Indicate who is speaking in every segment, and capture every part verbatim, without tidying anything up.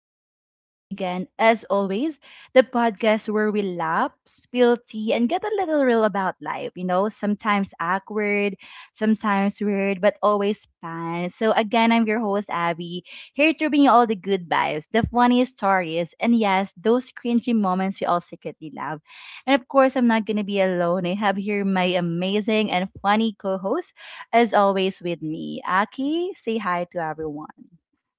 Speaker 1: your host, Abby, again. As always, the podcast where we laugh, spill tea, and get a little real about life. You know, sometimes awkward, sometimes weird, but always fun. So, again, I'm your host, Abby, here to bring you all the good vibes, the funniest stories, and yes, those cringy moments we all secretly love. And of course, I'm not going to be alone. I have here my amazing and funny co host as always with me, Aki. Say hi to everyone.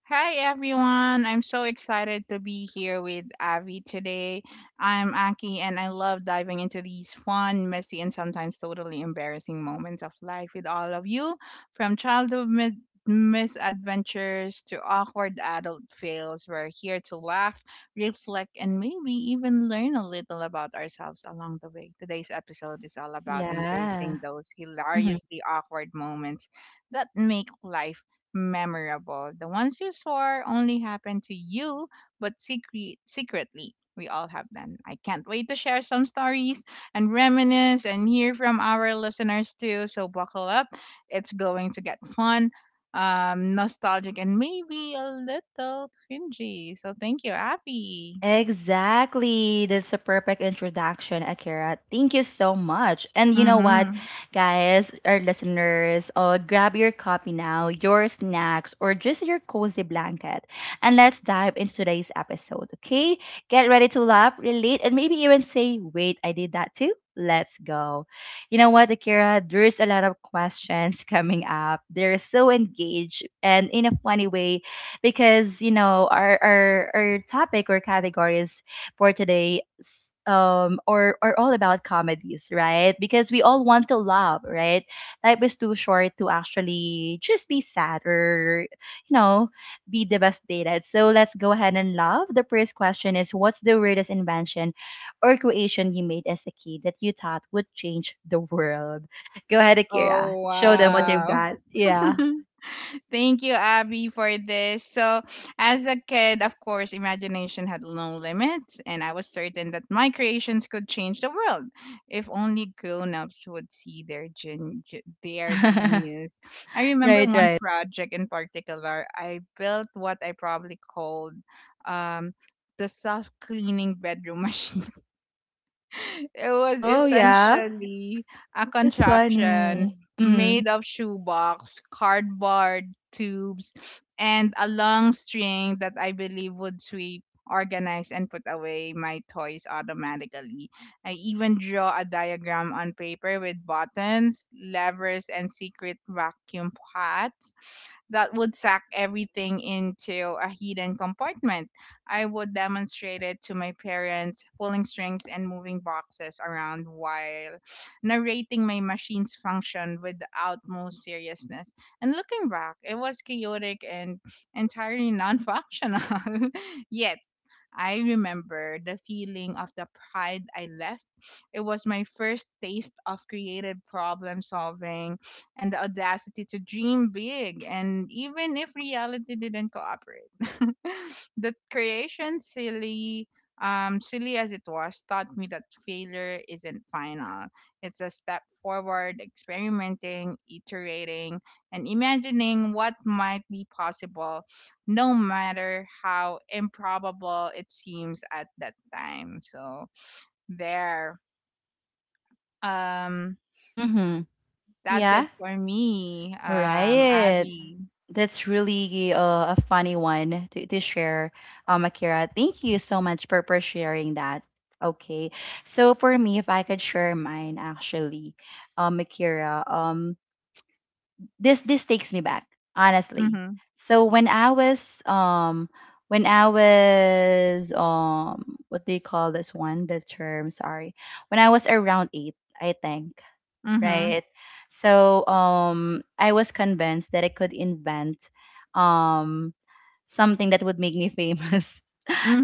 Speaker 2: Hi everyone. I'm so excited to be here with Avi today. I'm Aki and I love diving into these fun, messy and sometimes totally embarrassing moments of life with all of you from childhood mi- misadventures to awkward adult fails. We're here to laugh, reflect and maybe even learn a little about ourselves along the way. Today's episode is all about
Speaker 1: Yeah.
Speaker 2: embracing those hilariously awkward moments that make life memorable. The ones you swore only happened to you, but secret secretly, we all have them. I can't wait to share some stories and reminisce and hear from our listeners too. So buckle up. It's going to get fun, um, nostalgic, and maybe a little cringy. So thank you, Abby.
Speaker 1: Exactly. That's a perfect introduction, Akira. Thank you so much. And you know what? Mhm.
Speaker 2: Mm-hmm.
Speaker 1: Guys, our listeners, uh, grab your copy now, your snacks, or just your cozy blanket. And let's dive into today's episode, okay? Get ready to laugh, relate, and maybe even say, wait, I did that too. Let's go. You know what, Akira? There's a lot of questions coming up. They're so engaged and in a funny way, because you know our our, our topic or categories for today s- um or are all about comedies, right? Because we all want to laugh, right? Life is too short to actually just be sad or, you know, be devastated. So let's go ahead and laugh. The first question is, what's the weirdest invention or creation you made as a kid that you thought would change the world? Go ahead, Akira,
Speaker 2: Oh,
Speaker 1: show them what Wow. you've
Speaker 2: wow.
Speaker 1: got, yeah.
Speaker 2: Thank you, Abby, for this. So, as a kid, of course, imagination had no limits, and I was certain that my creations could change the world if only grown-ups would see their gen- ge- their genius. I remember
Speaker 1: Right,
Speaker 2: one
Speaker 1: right.
Speaker 2: project in particular. I built what I probably called um, the self-cleaning bedroom machine. It was
Speaker 1: Oh, yeah?
Speaker 2: essentially a
Speaker 1: That's
Speaker 2: contraption
Speaker 1: funny. Mm.
Speaker 2: made of shoebox, cardboard tubes, and a long string that I believe would sweep, organize, and put away my toys automatically. I even draw a diagram on paper with buttons, levers, and secret vacuum pots that would suck everything into a hidden compartment. I would demonstrate it to my parents, pulling strings and moving boxes around while narrating my machine's function with the utmost seriousness. And looking back, it was chaotic and entirely non functional. Yet, I remember the feeling of the pride I left. It was my first taste of creative problem solving and the audacity to dream big, and even if reality didn't cooperate. The creation, silly, um, silly as it was, taught me that failure isn't final. It's a step forward, experimenting, iterating, and imagining what might be possible no matter how improbable it seems at that time. So there. Um
Speaker 1: Mm-hmm.
Speaker 2: that's it
Speaker 1: Yeah,
Speaker 2: for me. Um
Speaker 1: right.
Speaker 2: Abby.
Speaker 1: That's really uh, a funny one to, to share, um, Akira. Thank you so much for, for sharing that. Okay. So for me, if I could share mine actually, um, Akira, um, this this takes me back honestly.
Speaker 2: Mhm.
Speaker 1: So when I was um when I was um what do you call this one, the term, sorry, when I was around eight, I think,
Speaker 2: Mhm.
Speaker 1: right? So um I was convinced that I could invent um something that would make me famous.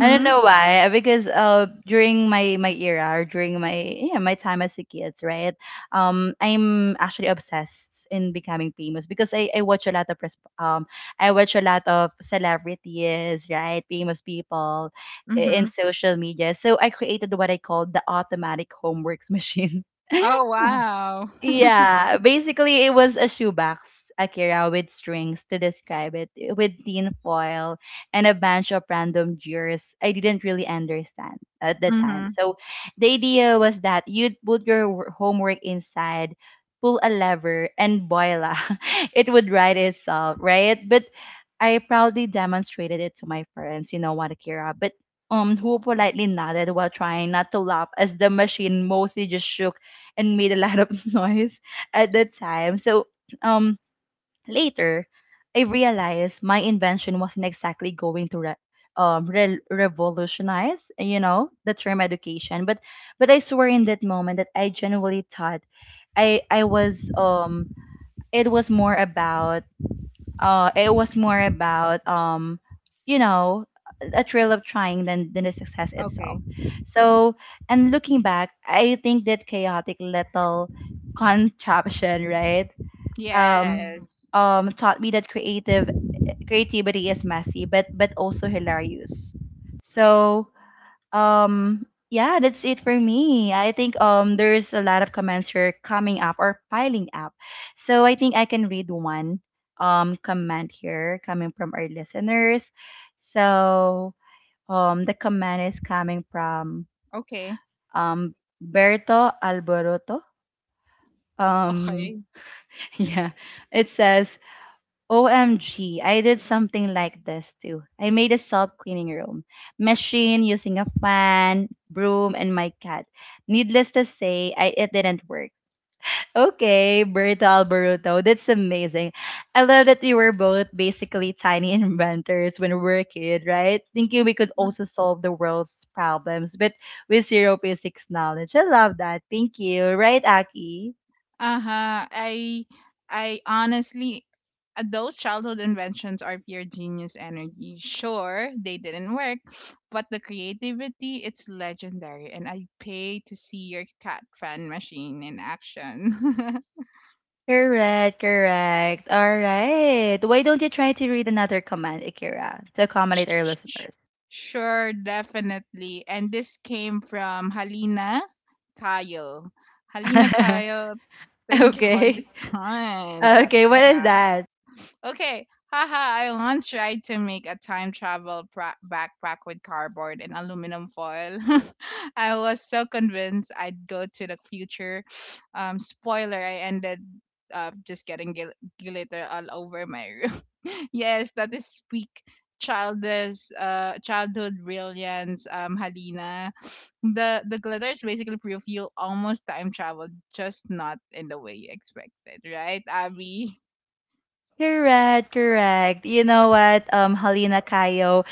Speaker 1: I don't know why, because uh, during my my era, or during my yeah my time as a kid, right? Um, I'm actually obsessed in becoming famous because I, I watch a lot of pres- um I watch a lot of celebrities, right? Famous people i- in
Speaker 2: Mhm.
Speaker 1: social media. So I created what I call the automatic homeworks machine.
Speaker 2: Oh wow.
Speaker 1: Yeah, basically it was a shoebox, Akira, with strings to describe it, with tin foil and a bunch of random jewels I didn't really understand at the time.
Speaker 2: Mhm.
Speaker 1: So the idea was that you'd put your wor- homework inside, pull a lever, and voila, it would write itself, right? But I proudly demonstrated it to my friends, you know what, Akira, but um, who politely nodded while trying not to laugh as the machine mostly just shook and made a lot of noise at that time. So um later I realized my invention wasn't exactly going to re- um re- revolutionize, you know, the term education, but but I swear in that moment that I genuinely thought I I was um it was more about uh it was more about um you know, a thrill of trying than than the success itself.
Speaker 2: Okay.
Speaker 1: So and looking back, I think that chaotic little contraption, right, um
Speaker 2: Yes.
Speaker 1: Mm. um taught me that creative creativity is messy but but also hilarious. So um yeah, that's it for me, I think. um there's a lot of comments here coming up or piling up, so I think I can read one um comment here coming from our listeners. So um the comment is coming from
Speaker 2: Okay.
Speaker 1: um Berto Alboroto.
Speaker 2: Okay.
Speaker 1: um yeah, it says, O M G, I did something like this too. I made a self cleaning room machine using a fan, broom, and my cat. Needless to say, I, it didn't work. Okay, Berta Alberto, that's amazing. I love that we were both basically tiny inventors when we were a kid, right? Thinking we could also solve the world's problems, but with zero basics knowledge. I love that. Thank you. Right, Aki?
Speaker 2: Uh-huh. I I honestly, uh, those childhood inventions are pure genius energy. Sure, they didn't work, but the creativity it's legendary and I pay to see your cat fan machine in action.
Speaker 1: Correct, correct. All right. Why don't you try to read another command, Akira, to accommodate our listeners?
Speaker 2: Sure, definitely. And this came from Halina Tayo. Halina Tayo, thank you for this
Speaker 1: Okay.
Speaker 2: comment that
Speaker 1: Okay, what
Speaker 2: we
Speaker 1: is
Speaker 2: have.
Speaker 1: that?
Speaker 2: Okay, haha, I once tried to make a time travel pra- backpack with cardboard and aluminum foil. I was so convinced I'd go to the future. Um, spoiler, I ended up just getting gil- glitter all over my room. Yes, that is peak childish, uh, childhood brilliance, um, Halina. The, the glitter is basically proof you almost time traveled, just not in the way you expected, right, Abby?
Speaker 1: Correct, correct. You know what, um, Halina Kayo,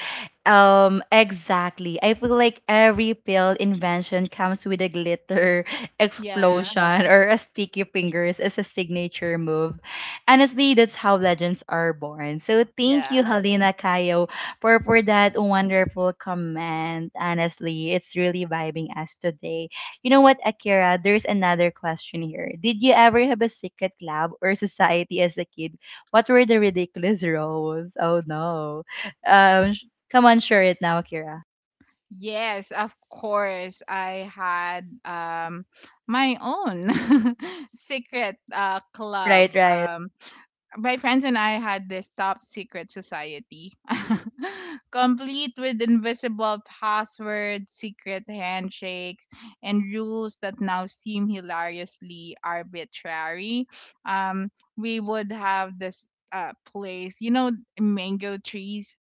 Speaker 1: Um, exactly. I feel like every pill invention comes with a glitter
Speaker 2: Yeah.
Speaker 1: explosion or a sticky fingers as a signature move. Honestly, that's how legends are born. So
Speaker 2: Yeah.
Speaker 1: thank you, Halina Kayo, for for that wonderful comment. Honestly, it's really vibing us today. You know what, Akira? There's another question here. Did you ever have a secret club or society as a kid? What were the ridiculous roles? Oh no. Um, come on, share it now, Akira.
Speaker 2: Yes, of course. I had um my own secret uh club.
Speaker 1: Right, right.
Speaker 2: Um my friends and I had this top secret society. Complete with invisible passwords, secret handshakes, and rules that now seem hilariously arbitrary. Um we would have this uh place, you know, mango trees,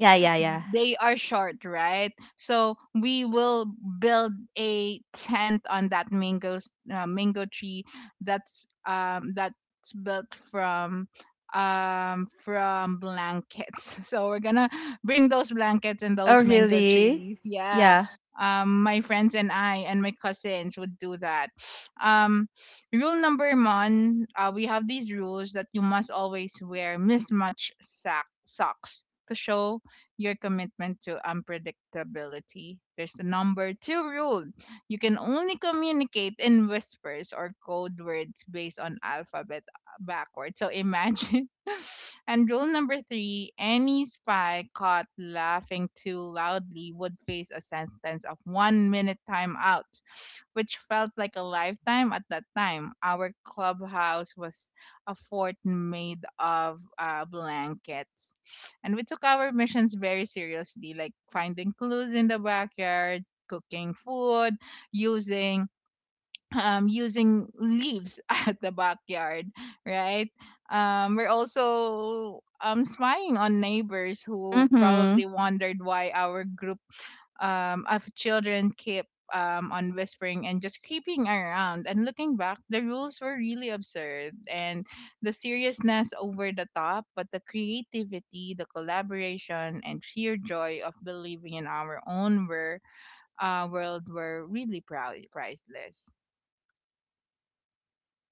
Speaker 1: Yeah, yeah, yeah.
Speaker 2: they are short, right? So we will build a tent on that mango s- uh, mango tree that's um that's built from um from blankets. So we're gonna bring those blankets and
Speaker 1: Oh,
Speaker 2: those mango
Speaker 1: really?
Speaker 2: trees. Yeah.
Speaker 1: Yeah.
Speaker 2: Um, my friends and I and my cousins would do that. Um, rule number one, uh, we have these rules that you must always wear mismatched sack socks to show your commitment to unpredictability. There's the number two rule. You can only communicate in whispers or code words based on alphabet backwards. So imagine. And rule number three, any spy caught laughing too loudly would face a sentence of one minute timeout, which felt like a lifetime at that time. Our clubhouse was a fort made of uh, blankets. And we took our missions very seriously, like finding clues in the backyard, cooking food, using um, using leaves at the backyard, right? Um, we're also um, spying on neighbors who
Speaker 1: Mm-hmm.
Speaker 2: probably wondered why our group um, of children keep um, on whispering and just creeping around. And looking back, the rules were really absurd and the seriousness over the top, but the creativity, the collaboration, and sheer joy of believing in our own were, uh, world were really proud, priceless.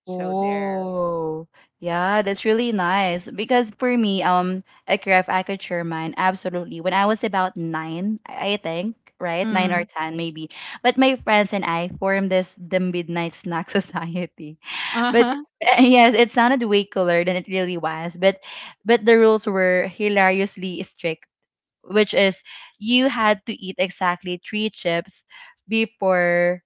Speaker 2: So there.
Speaker 1: Oh, yeah, that's really nice. Because for me, um, Akira, if I could share mine, absolutely. When I was about nine, I I think, right? Nine or
Speaker 2: Mm.
Speaker 1: ten, maybe. But my friends and I formed this the Midnight Snack Society.
Speaker 2: Uh
Speaker 1: But
Speaker 2: huh.
Speaker 1: uh, yes, it sounded way cooler than it really was. But but the rules were hilariously strict, which is, you had to eat exactly three chips before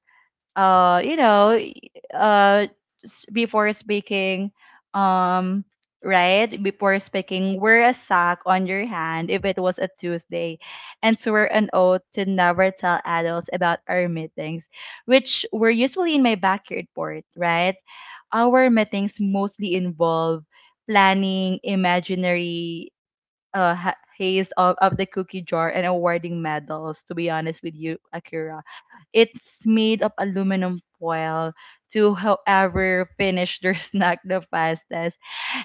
Speaker 1: uh you know y- uh s- before speaking. um right before speaking, wear a sack on your hand if it was a Tuesday, and swear an oath to never tell adults about our meetings, which were usually in my backyard port, right? Our meetings mostly involve planning imaginary uh, ha- haze of, of the cookie jar and awarding medals, to be honest with you, Akira. It's made of aluminum foil to however finish their snack the fastest.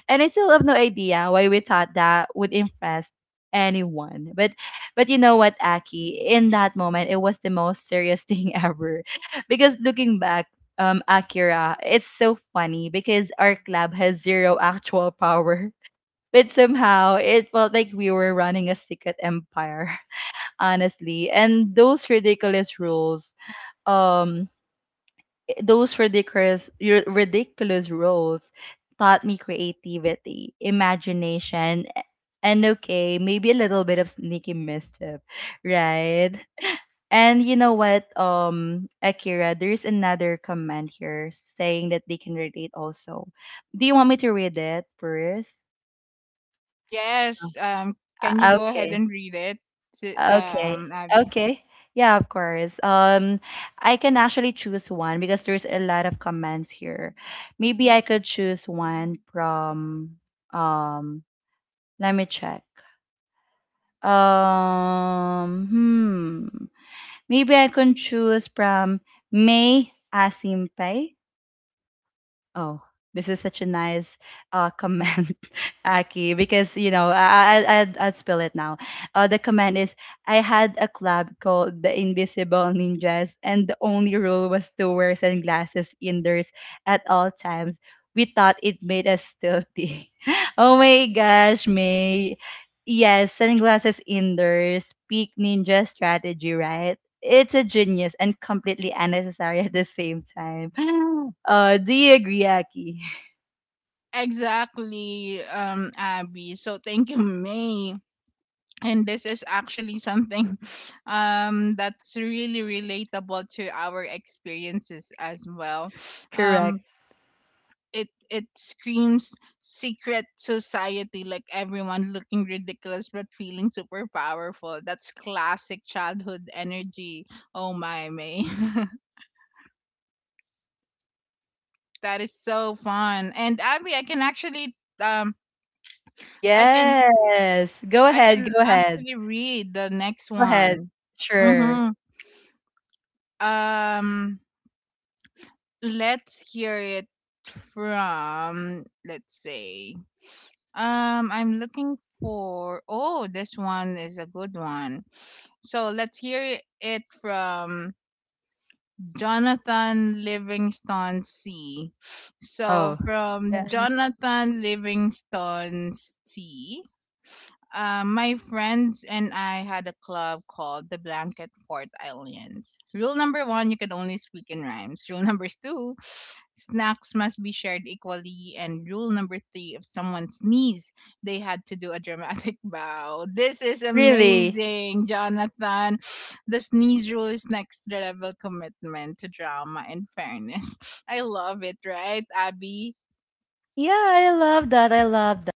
Speaker 1: And I still have no idea why we thought that would impress anyone. But but you know what, Aki? In that moment, it was the most serious thing ever. Because looking back, um, Akira, it's so funny because our club has zero actual power but somehow it felt like we were running a secret empire, honestly, and those ridiculous rules, um those ridiculous r- ridiculous rules taught me creativity, imagination, and okay, maybe a little bit of sneaky mischief, right? And you know what, um Akira, there's another comment here saying that they can relate also. Do you want me to read it first?
Speaker 2: Yes. Um. Can you
Speaker 1: Uh,
Speaker 2: go ahead
Speaker 1: okay.
Speaker 2: and read it, Si-
Speaker 1: Okay.
Speaker 2: um, Abby?
Speaker 1: Okay. Yeah, of course. Um, I can actually choose one because there's a lot of comments here. Maybe I could choose one from um let me check. Um, hmm. Maybe I can choose from May Asimpay. Oh, this is such a nice uh, comment, Aki, because you know I I I'd, I'd spill it now. Uh, the comment is, I had a club called the Invisible Ninjas, and the only rule was to wear sunglasses indoors at all times. We thought it made us stealthy. Oh my gosh, May. Yes, sunglasses indoors, peak ninja strategy, right? It's a genius and completely unnecessary at the same time. Uh, do you agree, Aki?
Speaker 2: Exactly, um, Abby. So thank you, May. And this is actually something um, that's really relatable to our experiences as well.
Speaker 1: Correct.
Speaker 2: Um, it it screams secret society, like everyone looking ridiculous but feeling super powerful. That's classic childhood energy. Oh my, May. That is so fun. And Abby, I can actually, um i can
Speaker 1: Yes. Go
Speaker 2: I
Speaker 1: ahead.
Speaker 2: can
Speaker 1: Go ahead.
Speaker 2: actually read the next
Speaker 1: Go ahead.
Speaker 2: one.
Speaker 1: Sure.
Speaker 2: Mm-hmm. um let's hear it from, let's say, um I'm looking for, oh, this one is a good one. So let's hear it from Jonathan Livingston C. So
Speaker 1: Oh,
Speaker 2: from
Speaker 1: yeah.
Speaker 2: jonathan livingston c uh, my friends and I had a club called the Blanket Fort Aliens. Rule number one, you can only speak in rhymes. Rule number two, snacks must be shared equally. And rule number three, if someone sneezed, they had to do a dramatic bow. This is
Speaker 1: Really?
Speaker 2: amazing, Jonathan. The sneeze rule is next level commitment to drama and fairness. I love it, right, Abby?
Speaker 1: Yeah, I love that. I love that.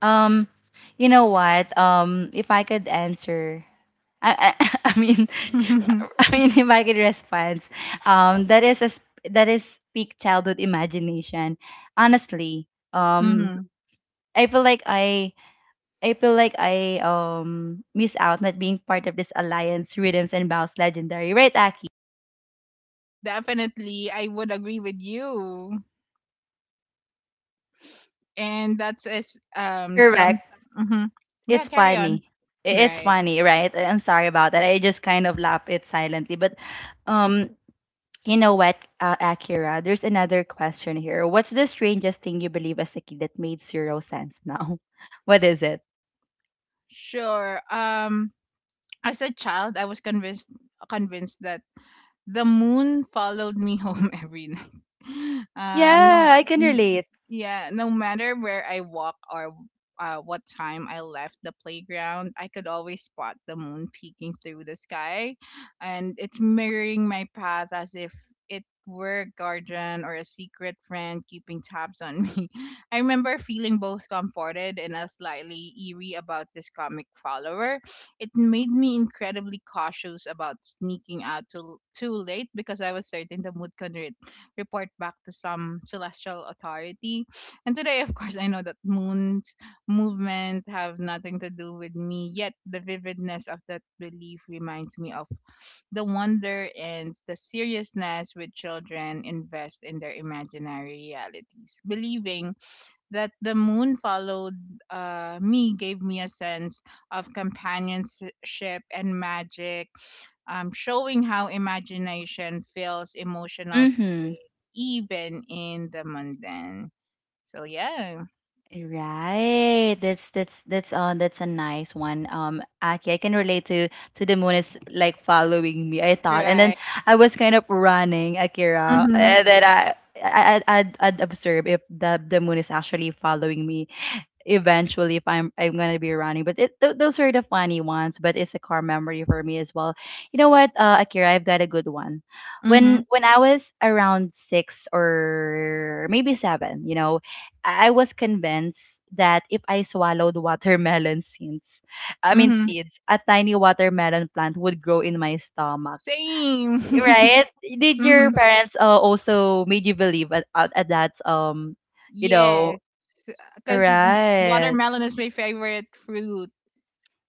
Speaker 1: Um, you know what? Um, if I could answer, I, I, I mean, I mean, if I could respond, um, that is a sp- that is peak childhood imagination. Honestly, um,
Speaker 2: Hmm.
Speaker 1: I feel like I I feel like I um miss out not being part of this alliance rhythms and bounce legendary, right, Aki?
Speaker 2: Definitely, I would agree with you. And that's is um some
Speaker 1: Correct.
Speaker 2: hmm Yeah,
Speaker 1: It's
Speaker 2: carry on.
Speaker 1: funny. I- It's
Speaker 2: Right.
Speaker 1: funny, right? I- I'm sorry about that. I just kind of laugh it silently. But um, you know what, uh, Akira? There's another question here. What's the strangest thing you believe as a kid that made zero sense now? What is it?
Speaker 2: Sure, um as a child, I was convinced convinced that the moon followed me home every night. Um,
Speaker 1: Yeah,
Speaker 2: no,
Speaker 1: I can
Speaker 2: n-
Speaker 1: relate.
Speaker 2: yeah, no matter where I walk or uh, what time I left the playground, I could always spot the moon peeking through the sky, and it's mirroring my path as if it were a guardian or a secret friend keeping tabs on me. I remember feeling both comforted and a slightly eerie about this comic follower. It made me incredibly cautious about sneaking out too, too late, because I was certain the mood could re- report back to some celestial authority. And today, of course, I know that moon's movement have nothing to do with me, yet the vividness of that belief reminds me of the wonder and the seriousness with children invest in their imaginary realities. Believing that the moon followed uh, me gave me a sense of companionship and magic, um, showing how imagination fills emotional
Speaker 1: Mm-hmm.
Speaker 2: space even in the mundane. So yeah.
Speaker 1: Right. That's that's that's uh that's a nice one. Um Aki, I can relate to to the moon is like following me, I thought. And then
Speaker 2: Right.
Speaker 1: I was kind of running, Akira,
Speaker 2: Mm.
Speaker 1: and then I I, I I'd, I'd observe if the the moon is actually following me, eventually, if I'm I'm gonna be running. But it, th- those are the funny ones. But it's a core memory for me as well. You know what, uh, Akira, I've got a good one. When
Speaker 2: Mhm.
Speaker 1: when I was around six or maybe seven, you know, I I was convinced that if I swallowed watermelon seeds, I
Speaker 2: Mhm.
Speaker 1: mean
Speaker 2: Mhm.
Speaker 1: seeds, a tiny watermelon plant would grow in my stomach.
Speaker 2: Same. Mm.
Speaker 1: Right? Did your
Speaker 2: Mhm.
Speaker 1: parents uh, also made you believe at, at, at that um you
Speaker 2: Yes,
Speaker 1: know,
Speaker 2: because
Speaker 1: right?
Speaker 2: watermelon is my favorite fruit,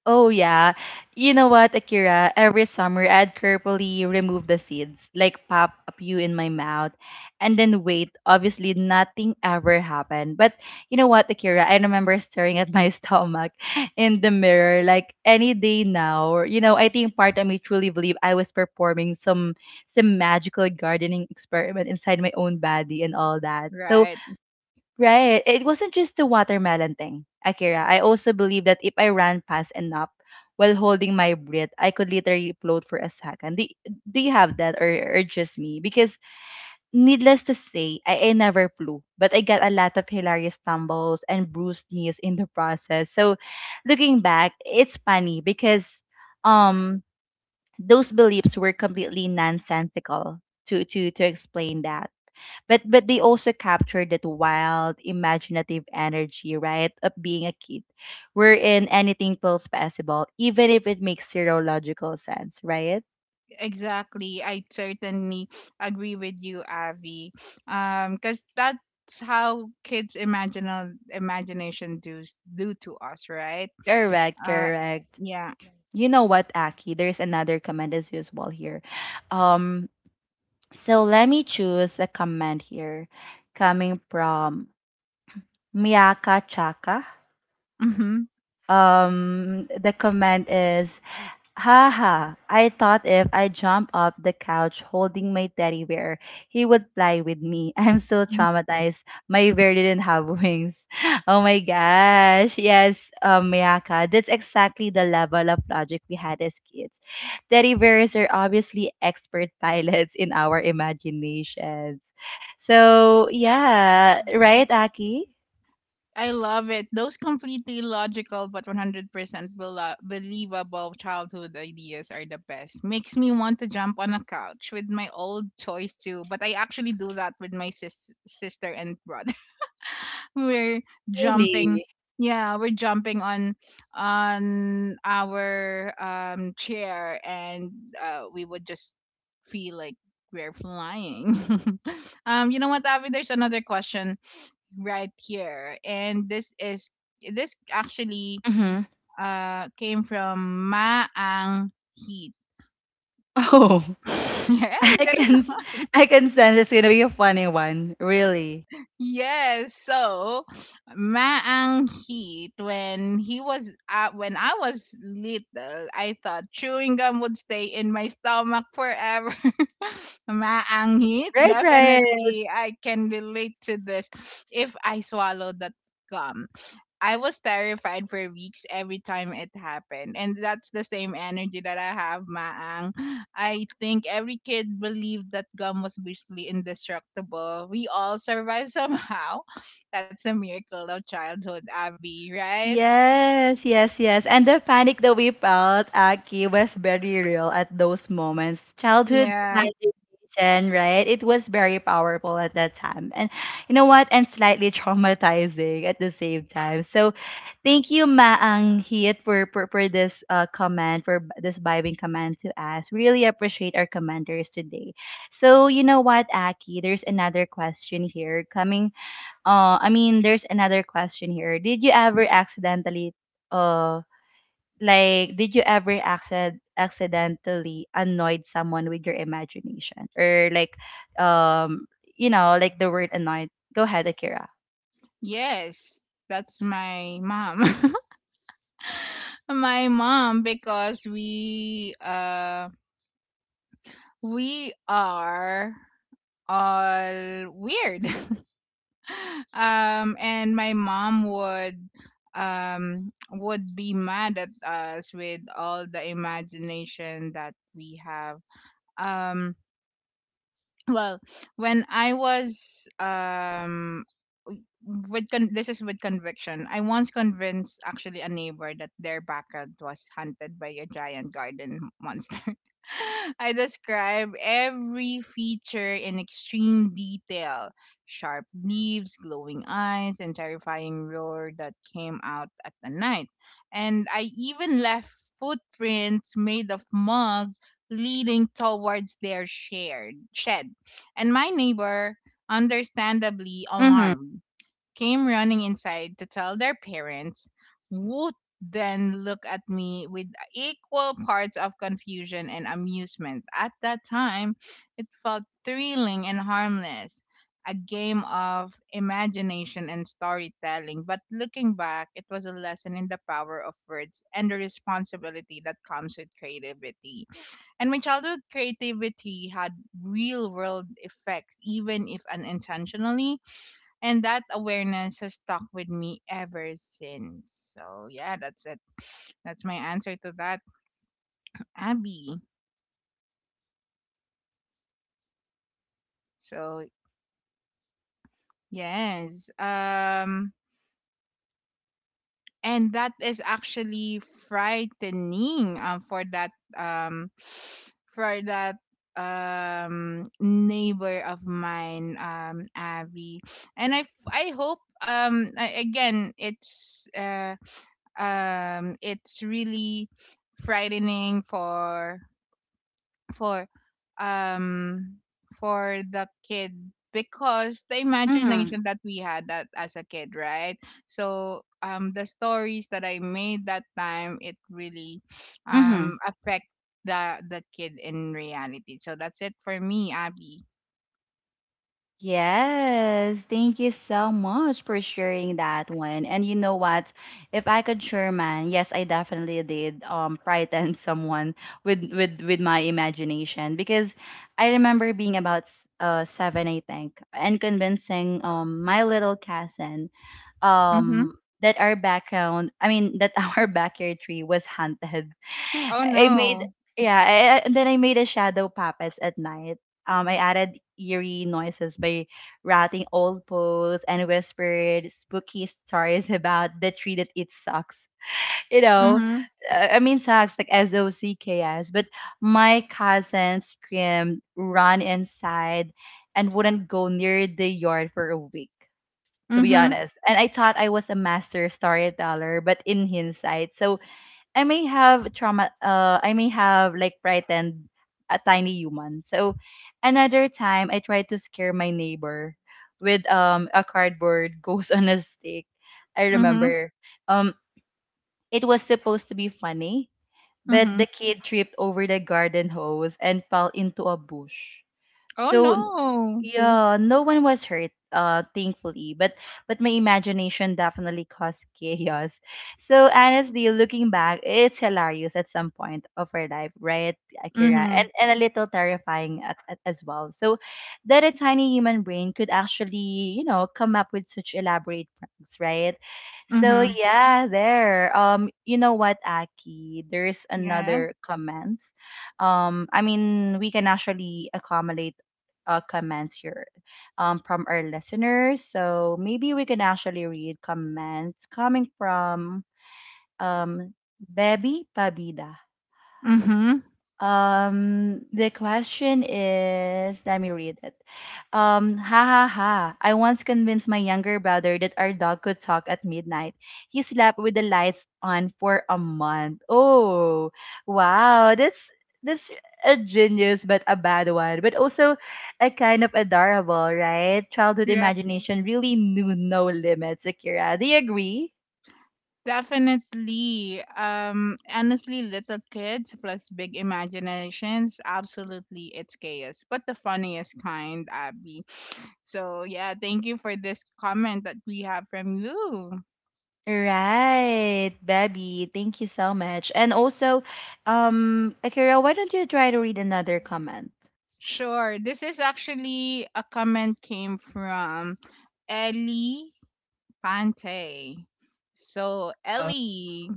Speaker 1: Oh yeah. You know what, Akira? Every summer I'd carefully remove the seeds, like pop a few in my mouth, and then wait. Obviously nothing ever happened. But you know what, Akira? I remember staring at my stomach in the mirror, like, any day now. Or, you know, I think part of me truly believe I was performing some some magical gardening experiment inside my own body and all that. So
Speaker 2: right?
Speaker 1: right. It wasn't just the watermelon thing, Akira. I also believe that if I ran fast enough while holding my breath, I could literally float for a second. Do, do you have that, or, or just me? Because needless to say, I, I never flew, but I got a lot of hilarious stumbles and bruised knees in the process. So looking back, it's funny because um those beliefs were completely nonsensical to to to explain that, but but they also capture that wild imaginative energy, right, of being a kid wherein anything feels possible even if it makes zero logical sense, right?
Speaker 2: Exactly. I certainly agree with you, Avi. Um, because that's how kids' imaginal imagination do do to us, right?
Speaker 1: correct
Speaker 2: Uh,
Speaker 1: correct
Speaker 2: yeah.
Speaker 1: You know what, Aki? There's another comment as usual here. Um so let me choose a comment here coming from Miyaka Chaka.
Speaker 2: Mm-hmm.
Speaker 1: Um the comment is, haha, I thought if I jump up the couch holding my teddy bear, he would fly with me. I'm so
Speaker 2: Mm-hmm.
Speaker 1: traumatized. My bear didn't have wings. Oh my gosh. Yes, um, Mayaka, that's exactly the level of logic we had as kids. Teddy bears are obviously expert pilots in our imaginations. So, yeah, right, Aki?
Speaker 2: I love it. Those completely logical but one hundred percent belo- believable childhood ideas are the best. Makes me want to jump on a couch with my old toys too, but I actually do that with my sis- sister and brother. We're jumping
Speaker 1: Really?
Speaker 2: Yeah, we're jumping on on our um chair and, uh, we would just feel like we're flying. Um you know what, Avi, there's another question right here, and this is this actually
Speaker 1: Mm-hmm.
Speaker 2: uh came from Maang Heat.
Speaker 1: Oh.
Speaker 2: Yes,
Speaker 1: I
Speaker 2: it
Speaker 1: can
Speaker 2: is.
Speaker 1: s- I can sense it's gonna be a funny one, really.
Speaker 2: Yes, so Maang Heat, when he was uh, when I was little, I thought chewing gum would stay in my stomach forever. Maang Heat,
Speaker 1: Right, right.
Speaker 2: definitely I can relate to this if I swallow that gum. I was terrified for weeks every time it happened. And that's the same energy that I have, Maang. I think every kid believed that gum was basically indestructible. We all survived somehow. That's a miracle of childhood, Abby, right?
Speaker 1: Yes, yes, yes. And the panic that we felt, Aki, was very real at those moments. Childhood
Speaker 2: Yeah.
Speaker 1: imagination, right? It was very powerful at that time. And you know what? And slightly traumatizing at the same time. So thank you, Maang Hit, for, for, for this uh, comment, for b- this vibing comment to us. Really appreciate our commenters today. So you know what, Aki? There's another question here coming uh I mean there's another question here. Did you ever accidentally uh like, did you ever accident accidentally annoyed someone with your imagination or like um you know, like the word annoyed. Go ahead, Akira.
Speaker 2: Yes. That's my mom. My mom, because we uh we are all weird. Um and my mom would um would be mad at us with all the imagination that we have. um well when I was um with con- this is with conviction, I once convinced actually a neighbor that their backyard was hunted by a giant garden monster. I describe every feature in extreme detail: sharp leaves, glowing eyes, and terrifying roar that came out at the night. And I even left footprints made of mud leading towards their shared shed. And my neighbor, understandably
Speaker 1: Mhm.
Speaker 2: alarmed, came running inside to tell their parents, would then look at me with equal parts of confusion and amusement. At that time, it felt thrilling and harmless, a game of imagination and storytelling. But looking back, it was a lesson in the power of words and the responsibility that comes with creativity. And my childhood creativity had real world effects, even if unintentionally, and that awareness has stuck with me ever since. So, yeah, that's it. That's my answer to that, Abby. So, yes. Um and that is actually frightening um for that um for that um neighbor of mine, um Abby. And I I hope, um a- again it's uh um it's really frightening for for um for the kid, because the
Speaker 1: Mhm.
Speaker 2: imagination that we had that as a kid, right? So um the stories that I made that time, it really
Speaker 1: Mhm.
Speaker 2: um affect the the kid in reality. So that's it for me, Abby.
Speaker 1: Yes, thank you so much for sharing that one. And you know what? If I could share, man, yes, I definitely did um frighten someone with with with my imagination because I remember being about s- uh seven, I think, and convincing um my little cousin
Speaker 2: Mm-hmm.
Speaker 1: um that our background I mean that our backyard tree was haunted.
Speaker 2: Oh
Speaker 1: I made
Speaker 2: no.
Speaker 1: yeah I, I- And then I made a shadow puppets at night. um I added eerie noises by rattling old poles and whispered spooky stories about the tree, that it sucks, you know.
Speaker 2: Mm-hmm.
Speaker 1: uh, I mean, sucks like S O C K S, but my cousin screamed, ran inside, and wouldn't go near the yard for a week, to be
Speaker 2: Mm-hmm.
Speaker 1: honest. And I thought I was a master storyteller, but in hindsight, so I may have trauma. Uh, I may have like frightened a tiny human. So another time, I tried to scare my neighbor with um a cardboard ghost on a stick. I
Speaker 2: Mm-hmm.
Speaker 1: remember. Um, it was supposed to be funny, but
Speaker 2: Mm-hmm.
Speaker 1: the kid tripped over the garden hose and fell into a bush.
Speaker 2: Oh no.
Speaker 1: So yeah, no one was hurt, uh, thankfully. But but my imagination definitely caused chaos. So honestly, looking back, it's hilarious at some point of our life, right, Akira? And
Speaker 2: Mm-hmm.
Speaker 1: and a little terrifying at, at, as well. So that a tiny human brain could actually, you know, come up with such elaborate pranks, right? So
Speaker 2: Mm-hmm.
Speaker 1: yeah, there. Um, you know what, Aki? There's
Speaker 2: Yeah.
Speaker 1: another comments. Um, I mean, we can actually accommodate uh comments here, um, from our listeners. So maybe we can actually read comments coming from um Baby Pabida.
Speaker 2: Mm-hmm.
Speaker 1: Um, the question is, let me read it. Um, ha ha ha. I once convinced my younger brother that our dog could talk at midnight. He slept with the lights on for a month. Oh, wow. That's that's a genius, but a bad one. But also a kind of adorable, right? Childhood
Speaker 2: Yeah.
Speaker 1: imagination really knew no limits, Akira. Do you agree?
Speaker 2: Definitely. Um, honestly, little kids plus big imaginations. Absolutely, it's chaos, but the funniest kind, Abby. So, yeah, thank you for this comment that we have from you.
Speaker 1: Right, Baby. Thank you so much. And also, um, Akira, why don't you try to read another comment?
Speaker 2: Sure. This is actually a comment came from Ellie Pante. So,
Speaker 1: Oh,
Speaker 2: Ellie.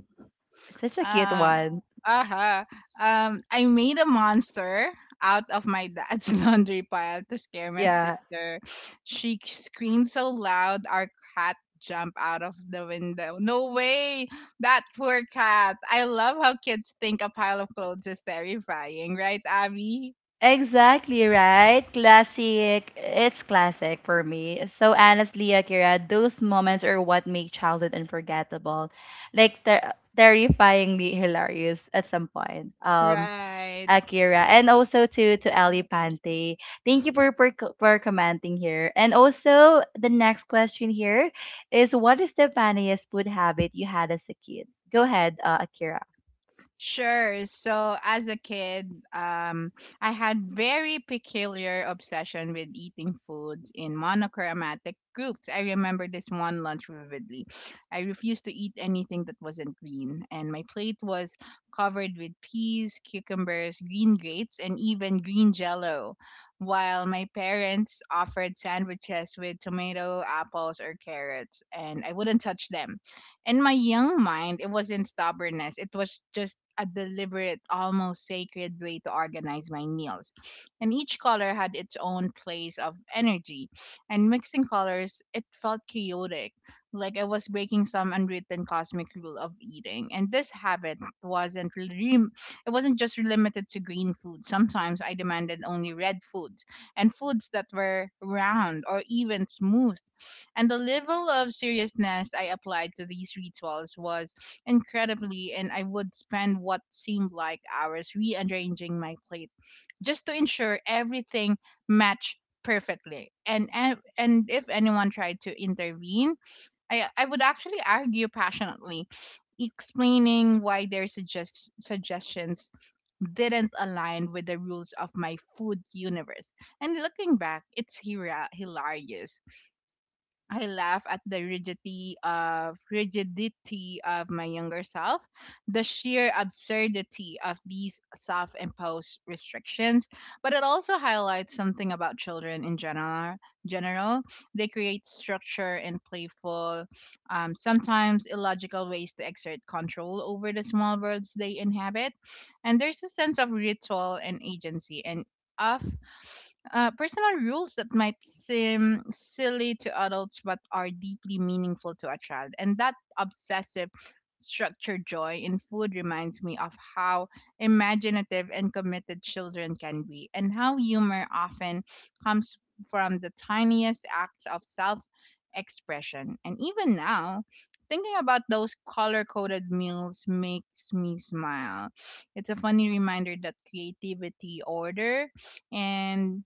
Speaker 1: such a cute
Speaker 2: Uh,
Speaker 1: one.
Speaker 2: uh-huh. Um, I made a monster out of my dad's laundry pile to scare my
Speaker 1: Yeah.
Speaker 2: sister. She screamed so loud, our cat jumped out of the window. No way! That poor cat. I love how kids think a pile of clothes is terrifying, right, Abby?
Speaker 1: Exactly right. Classic. It's classic for me. So honestly, Akira, those moments are what make childhood unforgettable. Like ter- terrifyingly hilarious at some point. Um,
Speaker 2: Right.
Speaker 1: Akira, and also to to Ali Pante. Thank you, for, for co- for commenting here. And also the next question here is, what is the funniest food habit you had as a kid? Go ahead, uh, Akira.
Speaker 2: Sure. So as a kid, um, I had very peculiar obsession with eating foods in monochromatic groups. I remember this one lunch vividly. I refused to eat anything that wasn't green, and my plate was covered with peas, cucumbers, green grapes, and even green jello, while my parents offered sandwiches with tomato, apples, or carrots, and I wouldn't touch them. In my young mind, it wasn't stubbornness. It was just a deliberate, almost sacred way to organize my meals. And each color had its own place of energy. And mixing colors, it felt chaotic, like I was breaking some unwritten cosmic rule of eating. And this habit wasn't really, it wasn't just limited to green food. Sometimes I demanded only red foods and foods that were round or even smooth, and the level of seriousness I applied to these rituals was incredibly, and I would spend what seemed like hours rearranging my plate just to ensure everything matched perfectly. And and and if anyone tried to intervene, I I would actually argue passionately, explaining why their suggest suggestions didn't align with the rules of my food universe. And looking back, it's hira- hilarious. I laugh at the rigidity of rigidity of my younger self, the sheer absurdity of these self-imposed restrictions, but it also highlights something about children in general. General, they create structure in playful, um, sometimes illogical ways to exert control over the small worlds they inhabit, and there's a sense of ritual and agency and of uh, personal rules that might seem silly to adults but are deeply meaningful to a child. And that obsessive structured joy in food reminds me of how imaginative and committed children can be, and how humor often comes from the tiniest acts of self expression. And even now, thinking about those color coded meals makes me smile. It's a funny reminder that creativity, order, and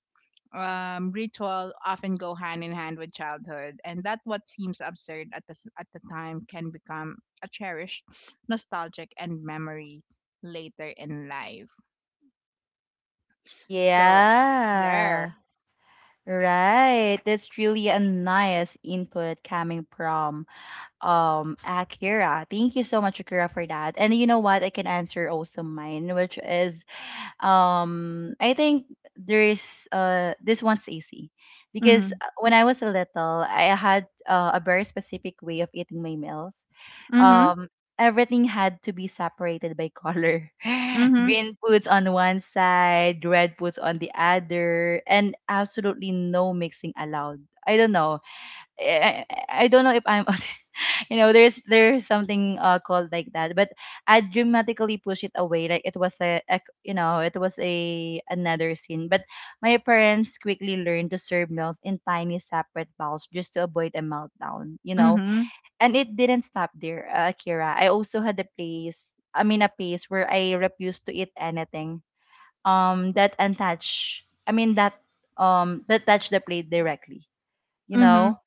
Speaker 2: um, ritual often go hand in hand with childhood, and that what seems absurd at the s- at the time can become a cherished, nostalgic, and memory later in life. So there.
Speaker 1: Yeah. Right. That's really a nice input coming from um Akira. Thank you so much, Akira, for that. And you know what? I can answer also mine, which is, Um, I think there's uh this one's easy because
Speaker 2: Mhm.
Speaker 1: uh, when I was little, I had uh, a very specific way of eating my meals.
Speaker 2: Mhm.
Speaker 1: Um, Everything had to be separated by color.
Speaker 2: Mhm.
Speaker 1: Green foods on one side, red foods on the other, and absolutely no mixing allowed. I don't know. I, I I don't know if I'm, you know, there's there's something uh, called like that, but I dramatically push it away like it was a, a, you know, it was a another scene. But my parents quickly learned to serve meals in tiny separate bowls just to avoid a meltdown, you know.
Speaker 2: Mhm.
Speaker 1: And it didn't stop there, uh, Akira. I also had a place, I mean a phase, where I refused to eat anything um that untouched I mean that um that touched the plate directly, you know.
Speaker 2: Mhm.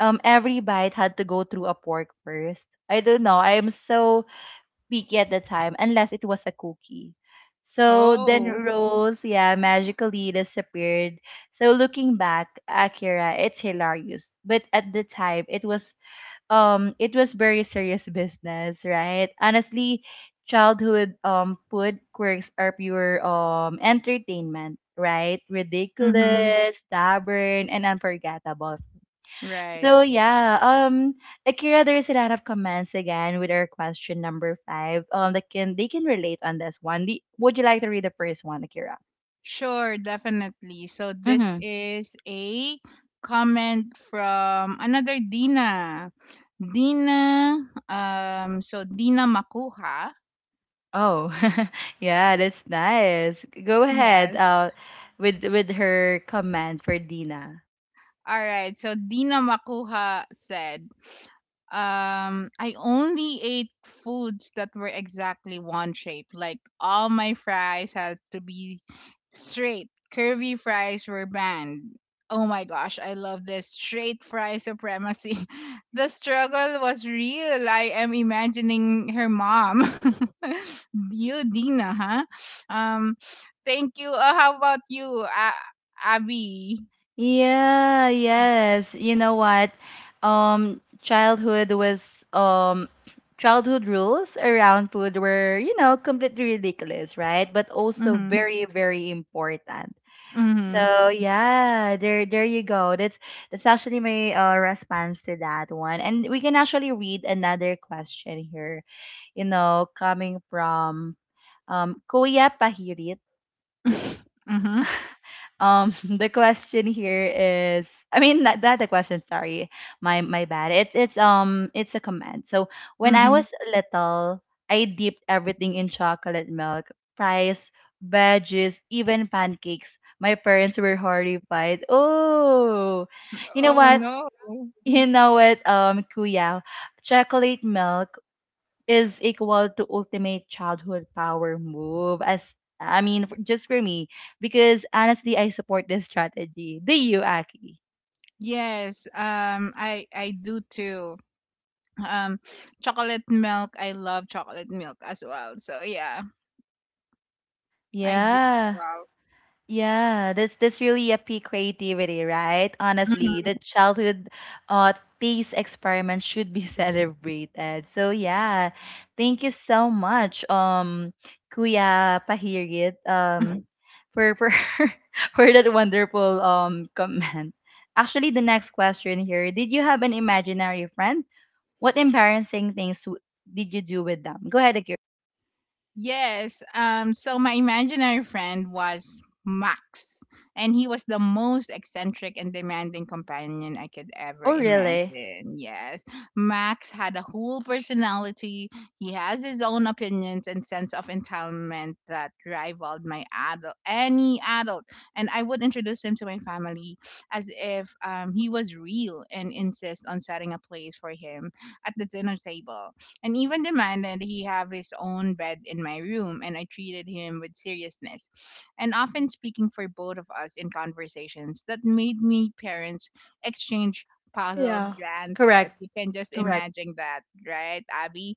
Speaker 1: um Every bite had to go through a pork first. I don't know. I am so picky at the time, unless it was a cookie. So then
Speaker 2: Oh.
Speaker 1: Rose, yeah, magically disappeared. So looking back, Akira, it's hilarious. But at the time, it was, um it was very serious business, right? Honestly, childhood um food quirks are pure um entertainment, right?
Speaker 2: Mhm.
Speaker 1: Ridiculous, stubborn, and unforgettable.
Speaker 2: Right.
Speaker 1: So yeah, um, Akira, there's a lot of comments again with our question number five. Um, that, can they can relate on this one. The, would you like to read the first one, Akira?
Speaker 2: Sure, definitely. So this
Speaker 1: Mm-hmm.
Speaker 2: is a comment from another Dina. Dina, um, so Dina Makuha.
Speaker 1: Oh, yeah, that's nice. Go ahead.
Speaker 2: Yes.
Speaker 1: Uh, with with her comment for Dina.
Speaker 2: All right. So Dina Makuha said, um I only ate foods that were exactly one shape. Like all my fries had to be straight. Curvy fries were banned. Oh my gosh, I love this straight fry supremacy. The struggle was real. I am imagining her mom. You, Dina, huh? Um, Thank you. Uh, how about you, uh, Abby?
Speaker 1: Yeah, yes. You know what? Um, childhood was, um childhood rules around food were, you know, completely ridiculous, right? But also
Speaker 2: Mm-hmm.
Speaker 1: very, very important.
Speaker 2: Mm-hmm.
Speaker 1: So yeah, there there you go. That's that's actually my uh, response to that one. And we can actually read another question here, you know, coming from um Kuya Pahirit.
Speaker 2: Mm-hmm.
Speaker 1: Um, the question here is, I mean, not, not the question. Sorry, my my bad. It's it's um, it's a comment. So when I
Speaker 2: Mm-hmm.
Speaker 1: was little, I dipped everything in chocolate milk, fries, veggies, even pancakes. My parents were horrified. Oh, you know
Speaker 2: Oh
Speaker 1: what?
Speaker 2: no.
Speaker 1: You know what? Um, Kuya, chocolate milk is equal to ultimate childhood power move, as I mean f- just for me, because honestly I support this strategy. Do you, Aki?
Speaker 2: Yes, um, I I do too. Um, Chocolate milk. I love chocolate milk as well. So yeah, I do.
Speaker 1: Yeah. Yeah, that's that's really a peak creativity, right? Honestly,
Speaker 2: Wow.
Speaker 1: the childhood uh taste experiment should be celebrated. So yeah, thank you so much, um Kuya Pahirit, um for for for that wonderful um comment. Actually, the next question here, did you have an imaginary friend? What embarrassing things w- did you do with them? Go ahead, Akira.
Speaker 2: Yes. Um, so my imaginary friend was Max, and he was the most eccentric and demanding companion I could ever
Speaker 1: Oh, really?
Speaker 2: imagine. Yes. Max had a whole personality. He has his own opinions and sense of entitlement that rivaled my adult, any adult. And I would introduce him to my family as if um, he was real, and insist on setting a place for him at the dinner table and even demanded he have his own bed in my room, and I treated him with seriousness, and often speaking for both of us in conversations that made me parents exchange puzzled
Speaker 1: Yeah. Correct.
Speaker 2: glances. You can just
Speaker 1: Correct.
Speaker 2: imagine that, right, Abby?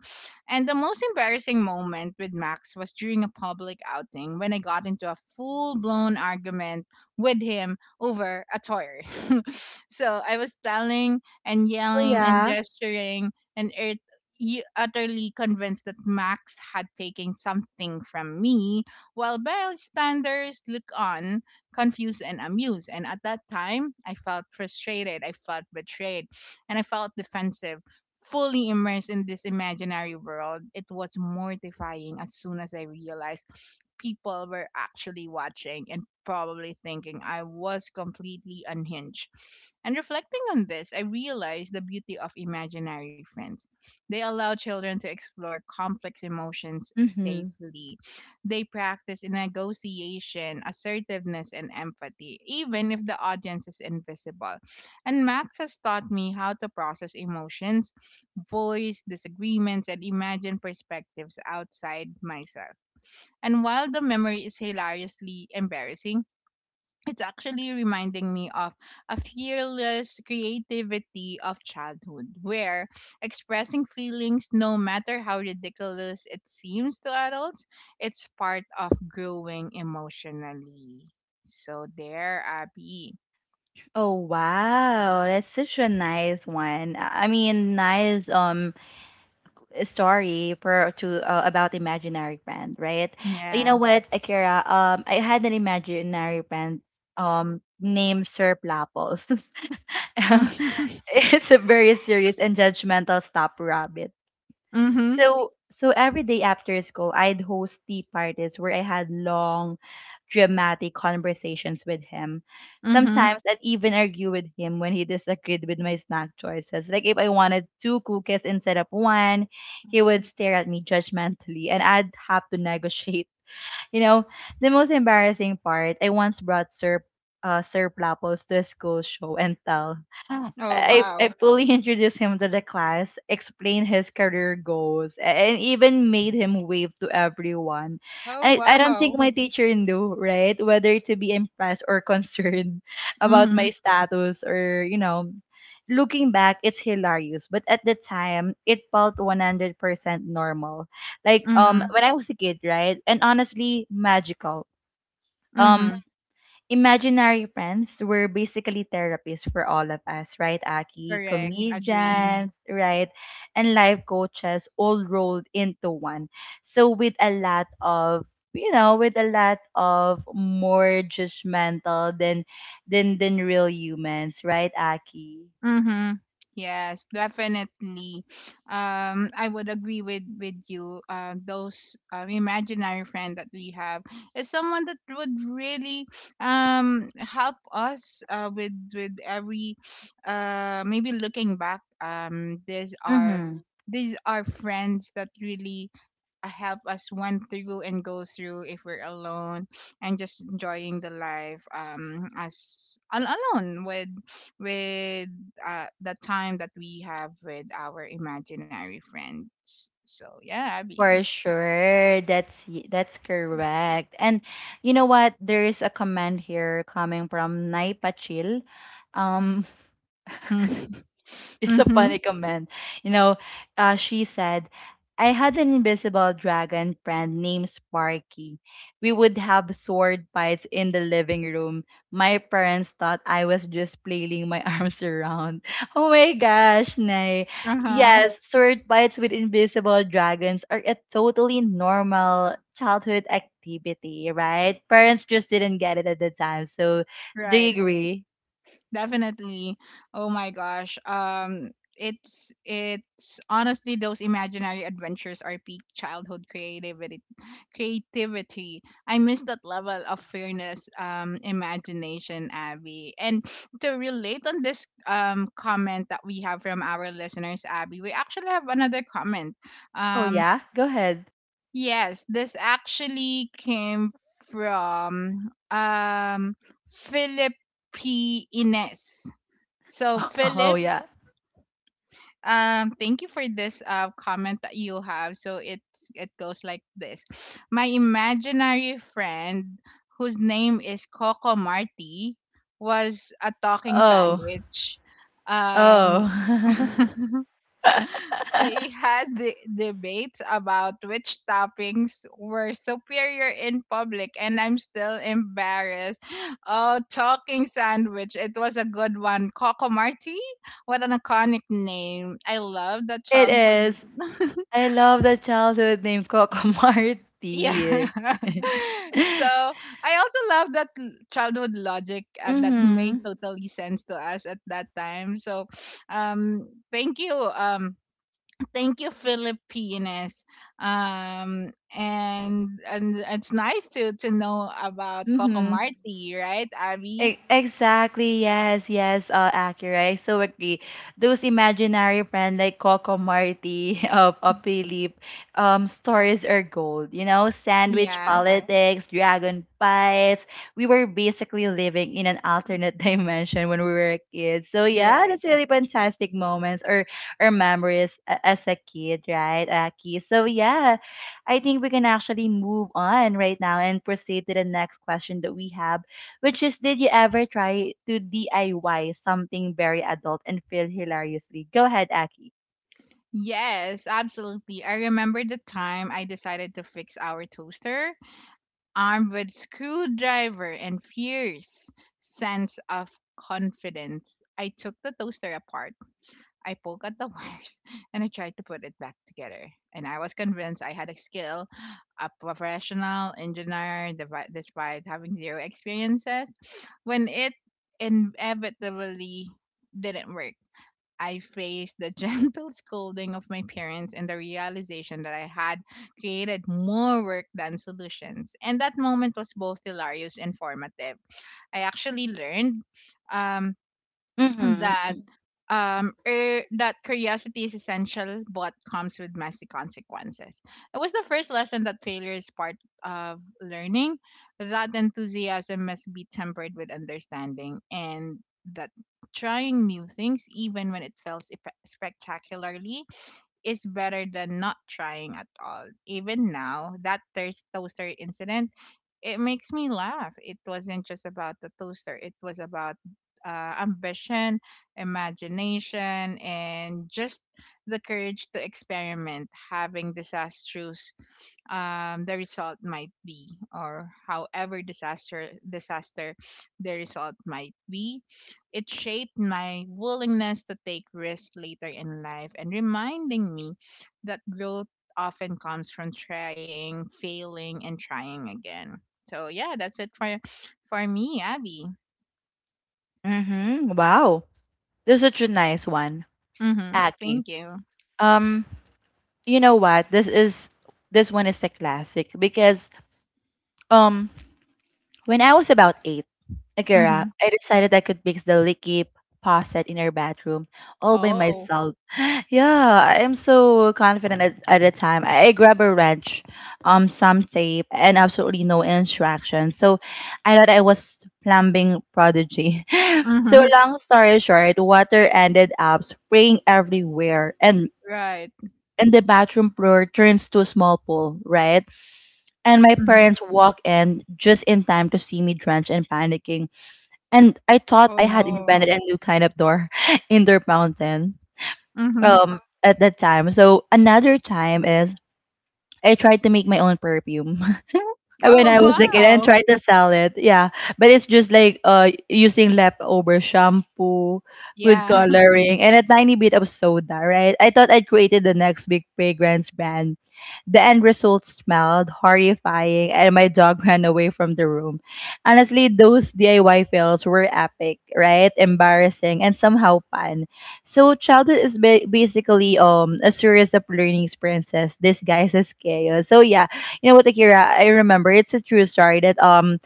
Speaker 2: And the most embarrassing moment with Max was during a public outing when I got into a full blown argument with him over a toy. So I was telling and
Speaker 1: Oh
Speaker 2: yelling and
Speaker 1: yeah.
Speaker 2: gesturing and earth, you utterly convinced that Max had taken something from me, while bystanders look on, confused and amused. And at that time, I felt frustrated, I felt betrayed, and I felt defensive. Fully immersed in this imaginary world, it was mortifying as soon as I realized people were actually watching and probably thinking I was completely unhinged. And reflecting on this, I realized the beauty of imaginary friends, they allow children to explore complex emotions
Speaker 1: Mm-hmm.
Speaker 2: safely. They practice negotiation, assertiveness, and empathy, even if the audience is invisible. And Max has taught me how to process emotions, voice disagreements, and imagine perspectives outside myself. And while the memory is hilariously embarrassing, it's actually reminding me of a fearless creativity of childhood where expressing feelings, no matter how ridiculous it seems to adults, it's part of growing emotionally. So there, Abby.
Speaker 1: Oh wow, that's such a nice one. I I mean, nice um story for to uh, about imaginary friend, right? You
Speaker 2: Yeah.
Speaker 1: know what, Akira? Um, I had an imaginary friend um named Sir Plapples.
Speaker 2: Mhm.
Speaker 1: It's a very serious and judgmental stop rabbit. So so every day after school, I'd host tea parties where I had long, dramatic conversations with him.
Speaker 2: Mhm.
Speaker 1: Sometimes I'd even argue with him when he disagreed with my snack choices. Like if I wanted two cookies instead of one, he would stare at me judgmentally and I'd have to negotiate. You know, the most embarrassing part, I once brought Sir uh, Sir Plapples to a school show and tell.
Speaker 2: Oh
Speaker 1: I, I
Speaker 2: wow.
Speaker 1: fully introduced him to the class, explained his career goals, and even made him wave to everyone.
Speaker 2: Oh
Speaker 1: I, I don't think
Speaker 2: wow.
Speaker 1: my teacher knew, right? Whether to be impressed or concerned about my
Speaker 2: Mhm.
Speaker 1: status, or, you know, looking back, it's hilarious. But at the time, it felt one hundred percent normal. Like, um,
Speaker 2: Mhm.
Speaker 1: when I was a kid, right? And honestly, magical. Um
Speaker 2: Mhm.
Speaker 1: imaginary friends were basically therapists for all of us, right, Aki? Mm-hmm.
Speaker 2: Correct, agree.
Speaker 1: Comedians, right? And life coaches all rolled into one. So with a lot of, you know, with a lot of more judgmental than than than real humans, right, Aki?
Speaker 2: Mm-hmm. Yes, definitely. Um, I would agree with with you. Uh, those um, imaginary friend that we have is someone that would really um help us, uh, with with every uh maybe looking back, um these are
Speaker 1: Mm-hmm.
Speaker 2: these are friends that really uh, help us went through and go through if we're alone, and just enjoying the life, um as al- alone with with uh the time that we have with our imaginary friends. So yeah, Abby.
Speaker 1: For sure, that's y- that's correct. And you know what? There is a comment here coming from Nai Pachil. Um, it's a
Speaker 2: Mm-hmm.
Speaker 1: funny comment. You know, uh, she said, I had an invisible dragon friend named Sparky. We would have sword fights in the living room. My parents thought I was just flailing my arms around. Oh my gosh, Nay.
Speaker 2: Uh-huh.
Speaker 1: Yes, sword fights with invisible dragons are a totally normal childhood activity, right? Parents just didn't get it at the time. So, do you
Speaker 2: Right.
Speaker 1: agree?
Speaker 2: Definitely. Oh my gosh. Um it's it's honestly those imaginary adventures are peak childhood creativity creativity. I miss that level of fairness, um, imagination, Abby. And to relate on this um comment that we have from our listeners, Abby, we actually have another comment.
Speaker 1: Oh,
Speaker 2: Um
Speaker 1: yeah? Go ahead.
Speaker 2: yes, this actually came from um Philip P. Ines. So
Speaker 1: Oh,
Speaker 2: Philip,
Speaker 1: yeah.
Speaker 2: um, thank you for this uh comment that you have. So it's it goes like this: my imaginary friend, whose name is Coco Marty, was a talking
Speaker 1: Oh,
Speaker 2: sandwich. Um,
Speaker 1: oh.
Speaker 2: we had the debates about which toppings were superior in public and I'm still embarrassed. Oh, talking sandwich. It was a good one. Coco Marti? What an iconic name. I love that
Speaker 1: It
Speaker 2: childhood.
Speaker 1: is. I love the childhood name Coco
Speaker 2: Yeah.
Speaker 1: Marti.
Speaker 2: So I also love that l- childhood logic, uh, that made
Speaker 1: Mm-hmm.
Speaker 2: totally sense to us at that time. So um thank you, um Thank you, Filipinas. Um, and and it's nice to to know about Coco
Speaker 1: Mm-hmm.
Speaker 2: Marti, right, Abby?
Speaker 1: E- Exactly, yes, yes, uh, accurate. I so agree. Those imaginary friends like Coco Marty of of Philip, um, stories are gold, you know, sandwich.
Speaker 2: Yeah,
Speaker 1: Uh-huh. Politics, dragon fights. We were basically living in an alternate dimension when we were kids. So
Speaker 2: you're
Speaker 1: yeah,
Speaker 2: right.
Speaker 1: that's really fantastic moments or or memories a- as a kid, right, Aki? So yeah, I think we can actually move on right now and proceed to the next question that we have, which is, did you ever try to D I Y something very adult and fail hilariously? Go ahead, Aki.
Speaker 2: Yes, absolutely. I remember the time I decided to fix our toaster, armed with screwdriver and fierce sense of confidence. I took the toaster apart, I poke at the wires, and I tried to put it back together. And I was convinced I had a skill, a professional engineer, devi- despite having zero experiences. When it inevitably didn't work, I faced the gentle scolding of my parents and the realization that I had created more work than solutions. And that moment was both hilarious and formative. I actually learned, um, that
Speaker 1: Mm-hmm.
Speaker 2: um er, that curiosity is essential but comes with messy consequences. It was the first lesson that failure is part of learning, that enthusiasm must be tempered with understanding, and that trying new things, even when it fails epe- spectacularly, is better than not trying at all. Even now that thirst toaster incident, it makes me laugh. It wasn't just about the toaster. It was about uh, ambition, imagination, and just the courage to experiment, having disastrous, um, the result might be, or however disaster disaster the result might be. It shaped my willingness to take risks later in life, and reminding me that growth often comes from trying, failing, and trying again. So yeah, that's it for for me, Abby.
Speaker 1: Mm-hmm. Wow. This is such a nice one,
Speaker 2: Mm-hmm.
Speaker 1: Aki.
Speaker 2: Thank you.
Speaker 1: Um, you know what? This is this one is a classic because um when I was about eight, Agora,
Speaker 2: Mm-hmm.
Speaker 1: I decided I could mix the leaky faucet in our bathroom all by
Speaker 2: Oh.
Speaker 1: myself. Yeah, I am so confident at, at the time. I, I grabbed a wrench, um, some tape, and absolutely no instructions. So I thought I was plumbing prodigy. So
Speaker 2: Mm-hmm.
Speaker 1: long story short, water ended up spraying everywhere, and
Speaker 2: Right.
Speaker 1: and the bathroom floor turns to a small pool, right? And my
Speaker 2: Mm-hmm.
Speaker 1: parents walk in just in time to see me drenched and panicking, and I
Speaker 2: Oh
Speaker 1: thought I had
Speaker 2: no.
Speaker 1: invented a new kind of door in their mountain
Speaker 2: Mm-hmm.
Speaker 1: um, at that time. So another time is I tried to make my own perfume. When
Speaker 2: Oh
Speaker 1: I was a kid and
Speaker 2: wow.
Speaker 1: tried to sell it. Yeah, but it's just like uh using leftover shampoo, food
Speaker 2: Yeah.
Speaker 1: coloring, and a tiny bit of soda. Right? I thought I'd created the next big fragrance brand. The end result smelled horrifying, and my dog ran away from the room. Honestly, those D I Y fails were epic, right? Embarrassing and somehow fun. So childhood is ba- basically um a series of learning experiences disguised as chaos. So yeah, you know what, Akira? I remember it's a true story that um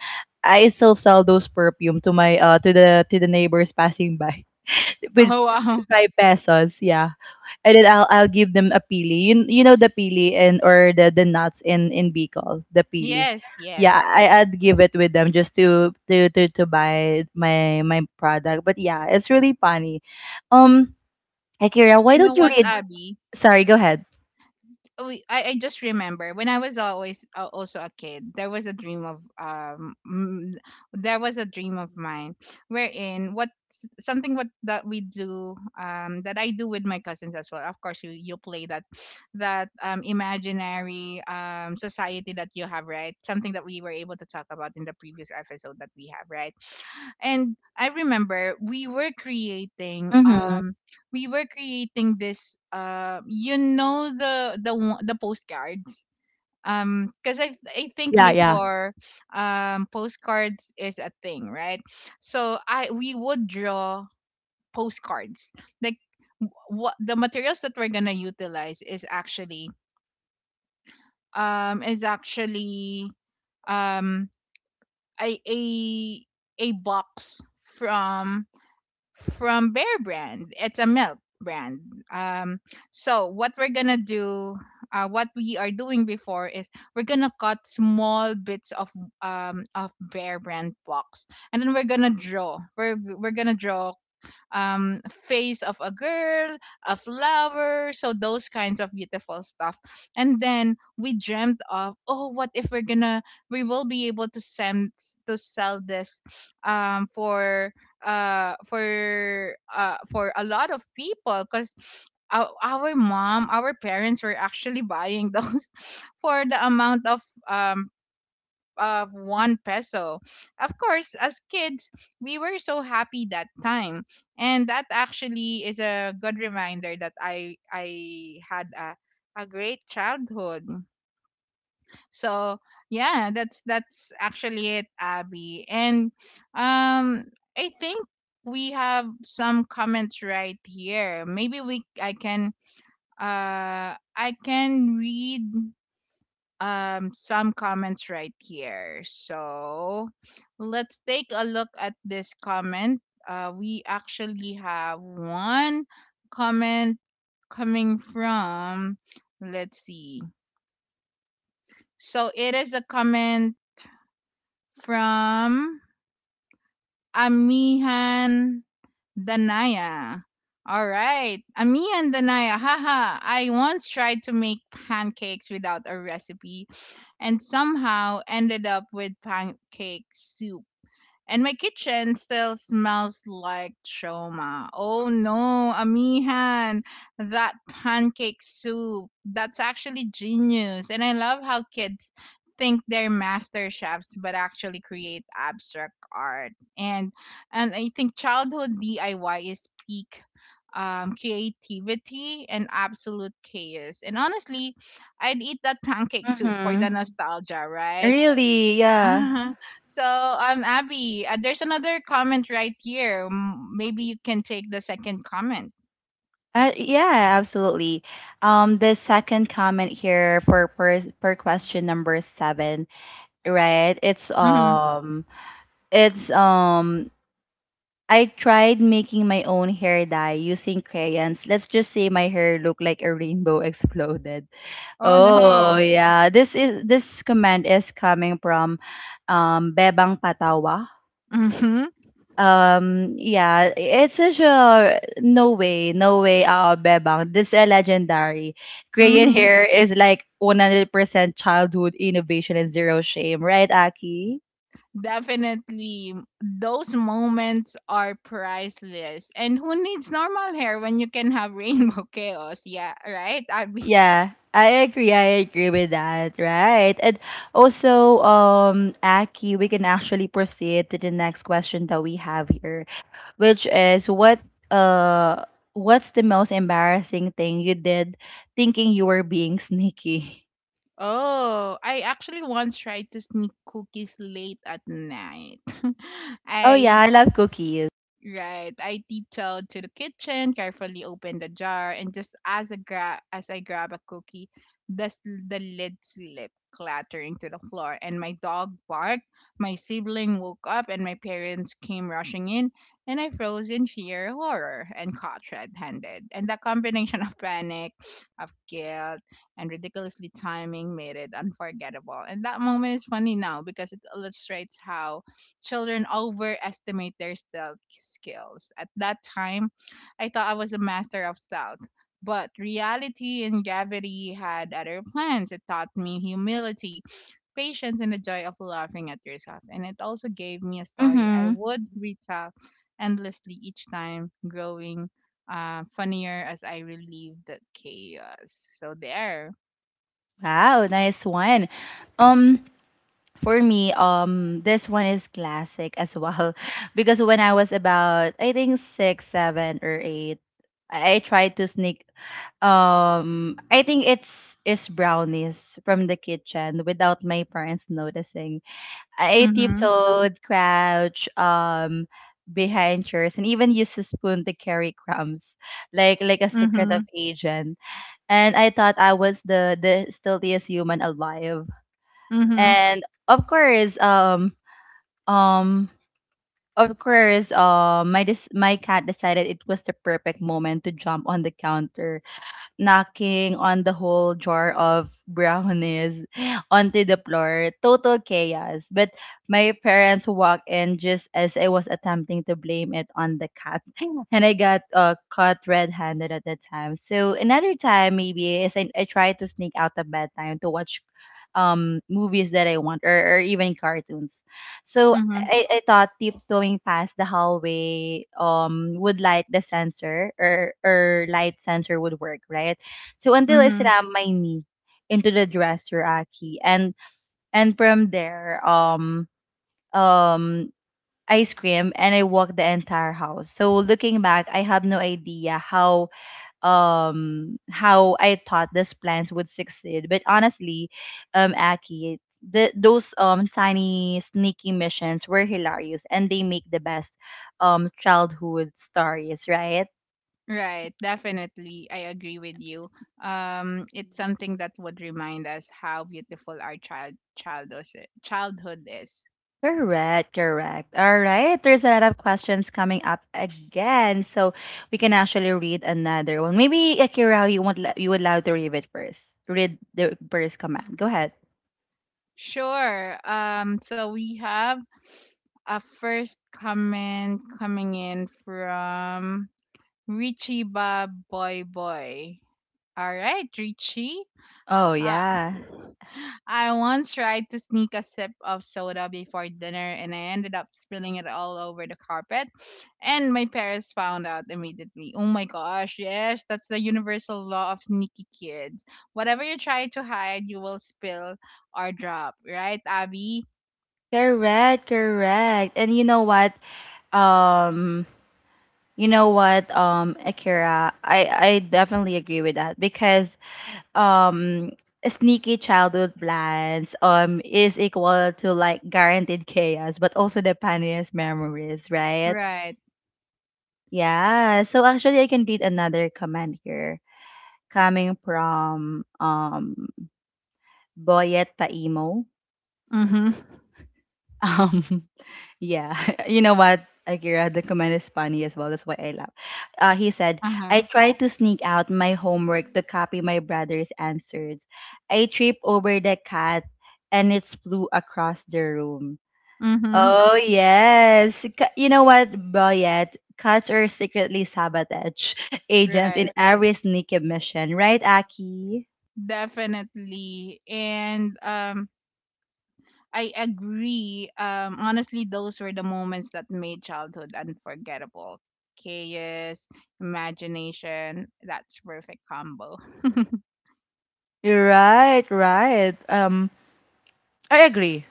Speaker 1: I still sell those perfume to my uh to the to the neighbors passing by with
Speaker 2: Oh wow.
Speaker 1: five pesos, yeah. And then I'll I'll give them a pili. You, you know the pili and or the the nuts in in Bicol, the pili.
Speaker 2: Yes,
Speaker 1: Yeah,
Speaker 2: yes.
Speaker 1: I, I'd give it with them just to, to to to buy my my product. But yeah, it's really funny. Um, Akira, why
Speaker 2: You know
Speaker 1: don't you
Speaker 2: what,
Speaker 1: read?
Speaker 2: Abby?
Speaker 1: Sorry, go ahead.
Speaker 2: We, I, I just remember when I was always, uh, also a kid, there was a dream of um mm, there was a dream of mine, wherein what s- something what that we do, um that I do with my cousins as well. Of course you you play that that um imaginary um society that you have, right? Something that we were able to talk about in the previous episode that we have, right? And I remember we were creating
Speaker 1: Mm-hmm.
Speaker 2: um we were creating this uh you know the the one- the postcards um because I, I think
Speaker 1: Yeah, yeah.
Speaker 2: before, um, postcards is a thing, right? So I we would draw postcards, like, w- what the materials that we're gonna utilize is actually um is actually, um a a, a box from from Bear Brand. It's a milk brand. Um, so what we're gonna do, uh, what we are doing before is we're gonna cut small bits of um of Bear Brand box, and then we're gonna draw. We're we're gonna draw um, face of a girl, a flower, so those kinds of beautiful stuff. And then we dreamt of, oh, what if we're gonna, we will be able to send to sell this, um, for uh for uh for a lot of people because our, our mom our parents were actually buying those for the amount of um of one peso. Of course, as kids, we were so happy that time, and that actually is a good reminder that I I had a a great childhood. So yeah, that's that's actually it, Abby. And, um, I think we have some comments right here. Maybe we I can uh I can read um some comments right here. So let's take a look at this comment. Uh, we actually have one comment coming from, let's see. So it is a comment from Amihan Danaya. All right. Ami and Danaya. Haha. I once tried to make pancakes without a recipe and somehow ended up with pancake soup. And my kitchen still smells like trauma. Oh no, Amihan, that pancake soup. That's actually genius. And I love how kids think they're master chefs but actually create abstract art. And and I think childhood D I Y is peak um creativity and absolute chaos. And honestly, I'd eat that pancake soup for
Speaker 1: Mm-hmm.
Speaker 2: the nostalgia, right?
Speaker 1: Really? Yeah.
Speaker 2: So, um, Abby, uh, there's another comment right here. M- maybe you can take the second comment.
Speaker 1: Uh, yeah, absolutely. Um, the second comment here for per, per question number seven, right? It's
Speaker 2: Hmm.
Speaker 1: um, it's um, I tried making my own hair dye using crayons. Let's just say my hair looked like a rainbow exploded.
Speaker 2: Oh
Speaker 1: Oh
Speaker 2: no.
Speaker 1: yeah, this is this comment is coming from um Bebang Patawa.
Speaker 2: Hmm.
Speaker 1: Um, yeah, it's such a no way, no way, uh, Bebang. This is legendary. Korean
Speaker 2: Hmm.
Speaker 1: hair is like one hundred percent childhood innovation and zero shame, right, Aki?
Speaker 2: Definitely. Those moments are priceless. And who needs normal hair when you can have rainbow chaos? Yeah, right? Abby.
Speaker 1: Yeah, I agree. I agree with that, right? And also, um, Aki, we can actually proceed to the next question that we have here, which is what, uh, what's the most embarrassing thing you did thinking you were being sneaky?
Speaker 2: Oh, I actually once tried to sneak cookies late at night.
Speaker 1: Oh
Speaker 2: I.
Speaker 1: yeah, I love cookies.
Speaker 2: Right. I tiptoed to the kitchen, carefully opened the jar, and just as a gra- as I grab a cookie, the, s- the lid slipped, clattering to the floor, and my dog barked. My sibling woke up, and my parents came rushing in, and I froze in sheer horror and caught red-handed. And the combination of panic, of guilt, and ridiculously timing made it unforgettable. And that moment is funny now because it illustrates how children overestimate their stealth skills. At that time, I thought I was a master of stealth, but reality and gravity had other plans. It taught me humility, patience, and the joy of laughing at yourself. And it also gave me a story I
Speaker 1: Mhm.
Speaker 2: would retell endlessly each time, growing, uh, funnier as I relieved the chaos. So there.
Speaker 1: Wow, nice one. Um for me, um this one is classic as well because when I was about I think six, seven or eight, I I tried to sneak um I think it's it's brownies from the kitchen without my parents noticing. I
Speaker 2: Mm-hmm.
Speaker 1: tiptoed, crouch, um behind chairs and even used a spoon to carry crumbs like like a secret
Speaker 2: Mm-hmm.
Speaker 1: of agent, and I thought I was the the stealthiest human alive.
Speaker 2: Mm-hmm.
Speaker 1: And of course, um, um, of course, um, my dis- my cat decided it was the perfect moment to jump on the counter, knocking on the whole jar of brownies onto the floor. Total chaos. But my parents walked in just as I was attempting to blame it on the cat. And I got uh, caught red handed at the time. So another time, maybe, is I, I tried to sneak out of bedtime to watch um movies that I want, or, or even cartoons. So I, I thought tiptoeing past the hallway um would light the sensor or or light sensor would work, right? So until I
Speaker 2: Mm-hmm.
Speaker 1: slammed my knee into the dresser, Aki, and and from there, um um I screamed and I walked the entire house. So looking back, I have no idea how um how I thought these plans would succeed. But honestly, um Aki, the, those um tiny sneaky missions were hilarious and they make the best um childhood stories, right?
Speaker 2: Right, definitely. I agree with you. Um, it's something that would remind us how beautiful our child childhood childhood is.
Speaker 1: Correct, correct. All right, there's a lot of questions coming up again, so we can actually read another one. Maybe Akira, you want you would love to read it first. Read the first comment. Go ahead.
Speaker 2: Sure. Um, so we have a first comment coming in from Richie Bob Boy Boy. All right, Richie.
Speaker 1: Oh
Speaker 2: Ah,
Speaker 1: yeah.
Speaker 2: I once tried to sneak a sip of soda before dinner and I ended up spilling it all over the carpet. And my parents found out immediately. Oh my gosh, yes, that's the universal law of sneaky kids. Whatever you try to hide, you will spill or drop. Right, Abby?
Speaker 1: Correct, correct. And you know what? Um, you know what, um, Akira, I I definitely agree with that because um sneaky childhood plans um is equal to like guaranteed chaos, but also the funniest memories, right?
Speaker 2: Right.
Speaker 1: Yeah. So actually, I can read another comment here coming from um Boyet Paimo.
Speaker 2: Mm-hmm.
Speaker 1: Um, yeah. You know what, Akira? The comment is funny as well. That's why I laugh. Uh, he said,
Speaker 2: Uh huh.
Speaker 1: I tried to sneak out my homework to copy my brother's answers. I trip over the cat and it flew across the room.
Speaker 2: Mm-hmm.
Speaker 1: Oh, yes. Ca- you know what, Boyet? Cats are secretly sabotage agents in
Speaker 2: Right.
Speaker 1: every sneaky mission, right, Aki?
Speaker 2: Definitely. And, um, I agree. Um, honestly, those were the moments that made childhood unforgettable. Chaos, imagination, that's perfect combo.
Speaker 1: Right, right. Um, I agree,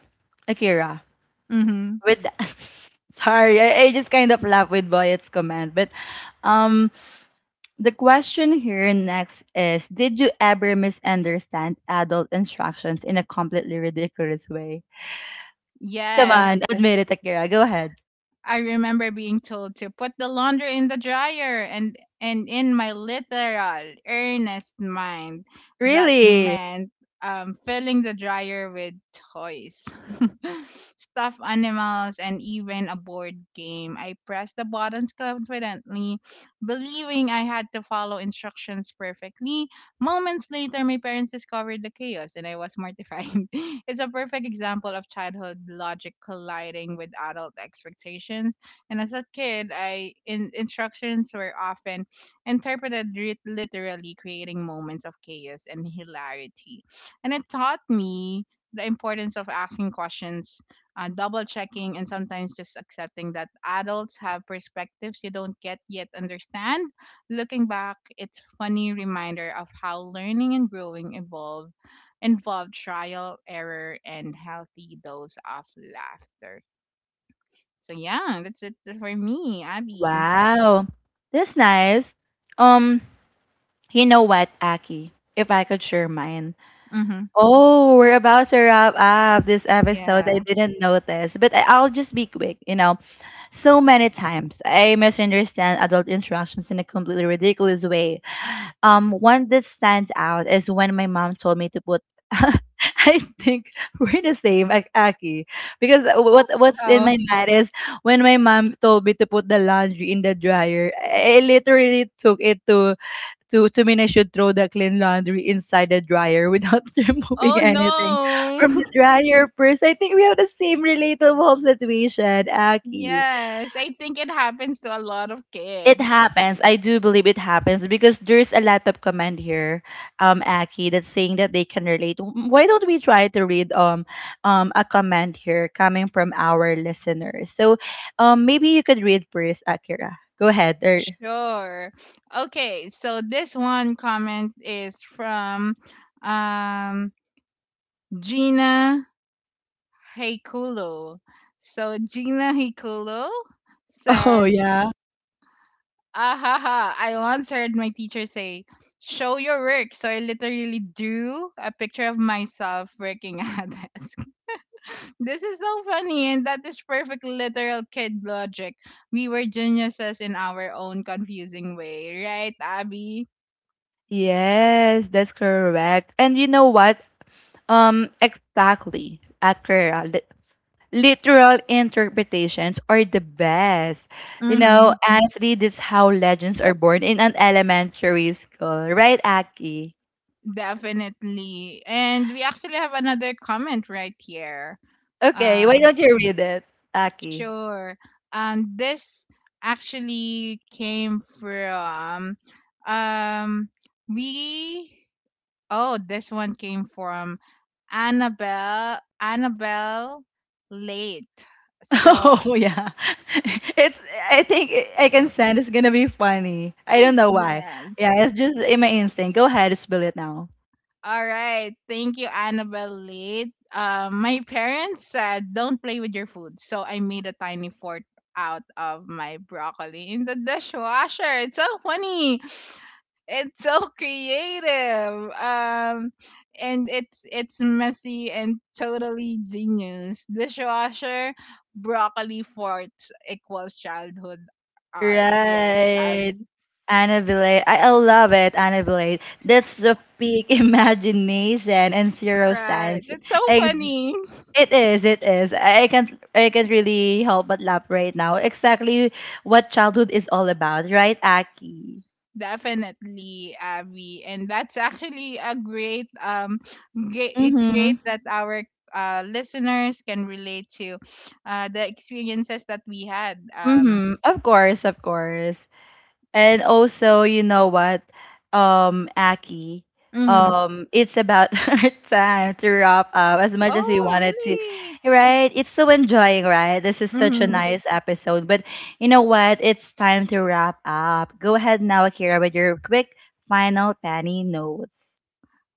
Speaker 1: Akira,
Speaker 2: Hmm.
Speaker 1: with that. Sorry, I, I just kind of laugh with Boyet's comment, but um the question here next is, did you ever misunderstand adult instructions in a completely ridiculous way? Come
Speaker 2: Yes,
Speaker 1: on, admit it, Akira, go ahead.
Speaker 2: I remember being told to put the laundry in the dryer and and in my literal earnest mind that
Speaker 1: Really?
Speaker 2: meant, um, filling the dryer with toys, stuffed animals, and even a board game. I pressed the buttons confidently, believing I had to follow instructions perfectly. Moments later, my parents discovered the chaos and I was mortified. It's a perfect example of childhood logic colliding with adult expectations. And as a kid, I in, instructions were often interpreted ri- literally, creating moments of chaos and hilarity. And it taught me the importance of asking questions, uh, double checking, and sometimes just accepting that adults have perspectives you don't get yet understand. Looking back, it's funny reminder of how learning and growing evolve involve trial, error, and healthy dose of laughter. So yeah, that's it for me, Abby.
Speaker 1: Wow, that's nice. um you know what, Aki, if I could share mine.
Speaker 2: Mm-hmm.
Speaker 1: Oh, we're about to wrap up this episode, I
Speaker 2: Yeah.
Speaker 1: didn't notice, but I, I'll just be quick, you know. So many times I misunderstand adult instructions in a completely ridiculous way. Um, one that stands out is when my mom told me to put. I think we're the same, Ak- Aki, because what
Speaker 2: Oh.
Speaker 1: what's in
Speaker 2: Oh.
Speaker 1: my mind is when my mom told me to put the laundry in the dryer. I literally took it to to to mean I should throw the clean laundry inside the dryer without removing
Speaker 2: Oh
Speaker 1: anything from the
Speaker 2: no.
Speaker 1: dryer first. I think we have the same relatable situation, Aki.
Speaker 2: Yes, I think it happens to a lot of
Speaker 1: It
Speaker 2: kids.
Speaker 1: happens. I do believe it happens because there's a lot of comment here, um, Aki, that's saying that they can relate. W- Why don't we try to read um, um, a comment here coming from our listeners? So, um, maybe you could read first, Akira. Go ahead. Or
Speaker 2: Sure. Okay, so this one comment is from, um, Gina Heikulo. So Gina Heikulo
Speaker 1: oh
Speaker 2: said,
Speaker 1: yeah.
Speaker 2: ahaha, I once heard my teacher say, show your work. So I literally drew a picture of myself working at a desk. This is so funny, and that is perfect literal kid logic. We were geniuses in our own confusing way, right, Abby?
Speaker 1: Yes, that's correct. And you know what? Um, exactly, Akira, literal interpretations are the best. You know,
Speaker 2: Mm-hmm.
Speaker 1: honestly, this is how legends are born in an elementary school, right, Aki?
Speaker 2: Definitely. And we actually have another comment right here.
Speaker 1: Okay, why
Speaker 2: Uh,
Speaker 1: don't you read it, Aki?
Speaker 2: Sure. And this actually came from, um we oh this one came from Annabelle Annabelle late. So
Speaker 1: Oh yeah, it's. I think I I can sense it's gonna be funny. I don't know why.
Speaker 2: yeah.
Speaker 1: Yeah, it's just in my instinct. Go ahead, spill it now.
Speaker 2: All right. Thank you, Annabelle Lee. Uh, my parents said, don't play with your food. So I made a tiny fort out of my broccoli in the dishwasher. It's so funny. It's so creative. Um, and it's it's messy and totally genius. Dishwasher, broccoli fort equals childhood art. Right,
Speaker 1: Right.
Speaker 2: Abby?
Speaker 1: Anna, I, I love it, Anna. That's the peak imagination and zero
Speaker 2: Right.
Speaker 1: sense.
Speaker 2: It's so
Speaker 1: Ex.
Speaker 2: funny.
Speaker 1: It is, it is. I I can't I can't really help but laugh right now. Exactly what childhood is all about, right, Aki?
Speaker 2: Definitely, Abby. And that's actually a great um great it's
Speaker 1: Mm-hmm.
Speaker 2: great that our uh listeners can relate to uh the experiences that we had. Um.
Speaker 1: Mm-hmm. Of course, of course. And also, you know what, um, Aki,
Speaker 2: Mhm.
Speaker 1: um, it's about our time to wrap up as much as we
Speaker 2: Oh,
Speaker 1: wanted to,
Speaker 2: really?
Speaker 1: right? It's so enjoying, right? This is such a
Speaker 2: Mhm.
Speaker 1: nice episode, but you know what? It's time to wrap up. Go ahead now, Akira, with your quick final Penny notes.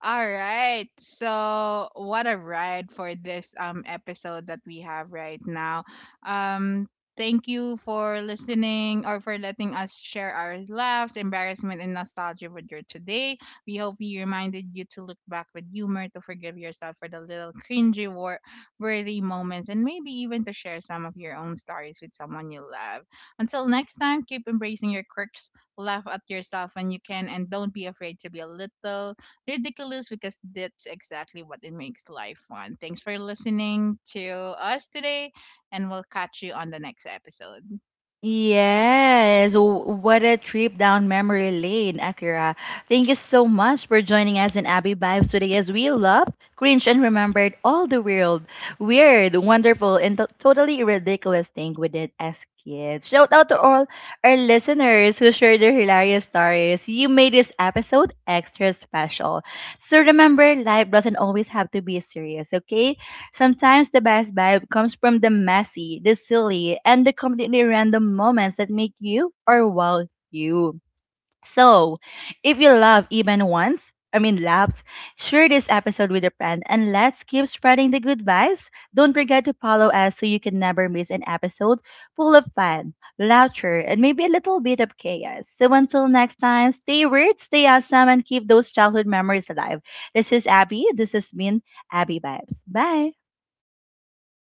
Speaker 2: All right. So, what a ride for this um episode that we have right now. Um, thank you for listening or for letting us share our laughs, embarrassment and nostalgia with you today. We hope we reminded you to look back with humor, to forgive yourself for the little cringy wor- worthy moments and maybe even to share some of your own stories with someone you love. Until next time, keep embracing your quirks, laugh at yourself when you can and don't be afraid to be a little ridiculous because that's exactly what it makes life fun. Thanks for listening to us today, and we'll catch you on the next episode.
Speaker 1: Yes, w- what a trip down memory lane, Akira. Thank you so much for joining us in Abby Vibes today as we loved, cringe, and remembered all the weird, weird, wonderful, and to- totally ridiculous thing we did as kids. Shout out to all our listeners who shared their hilarious stories. You made this episode extra special. So remember, life doesn't always have to be serious, okay? Sometimes the best vibe comes from the messy, the silly, and the completely random moments that make you, or well, you. So, if you love even once, I mean laughed, share this episode with a friend and let's keep spreading the good vibes. Don't forget to follow us so you can never miss an episode full of fun, laughter, and maybe a little bit of chaos. So until next time, stay weird, stay awesome, and keep those childhood memories alive. This is Abby. This has been Abby Vibes. Bye.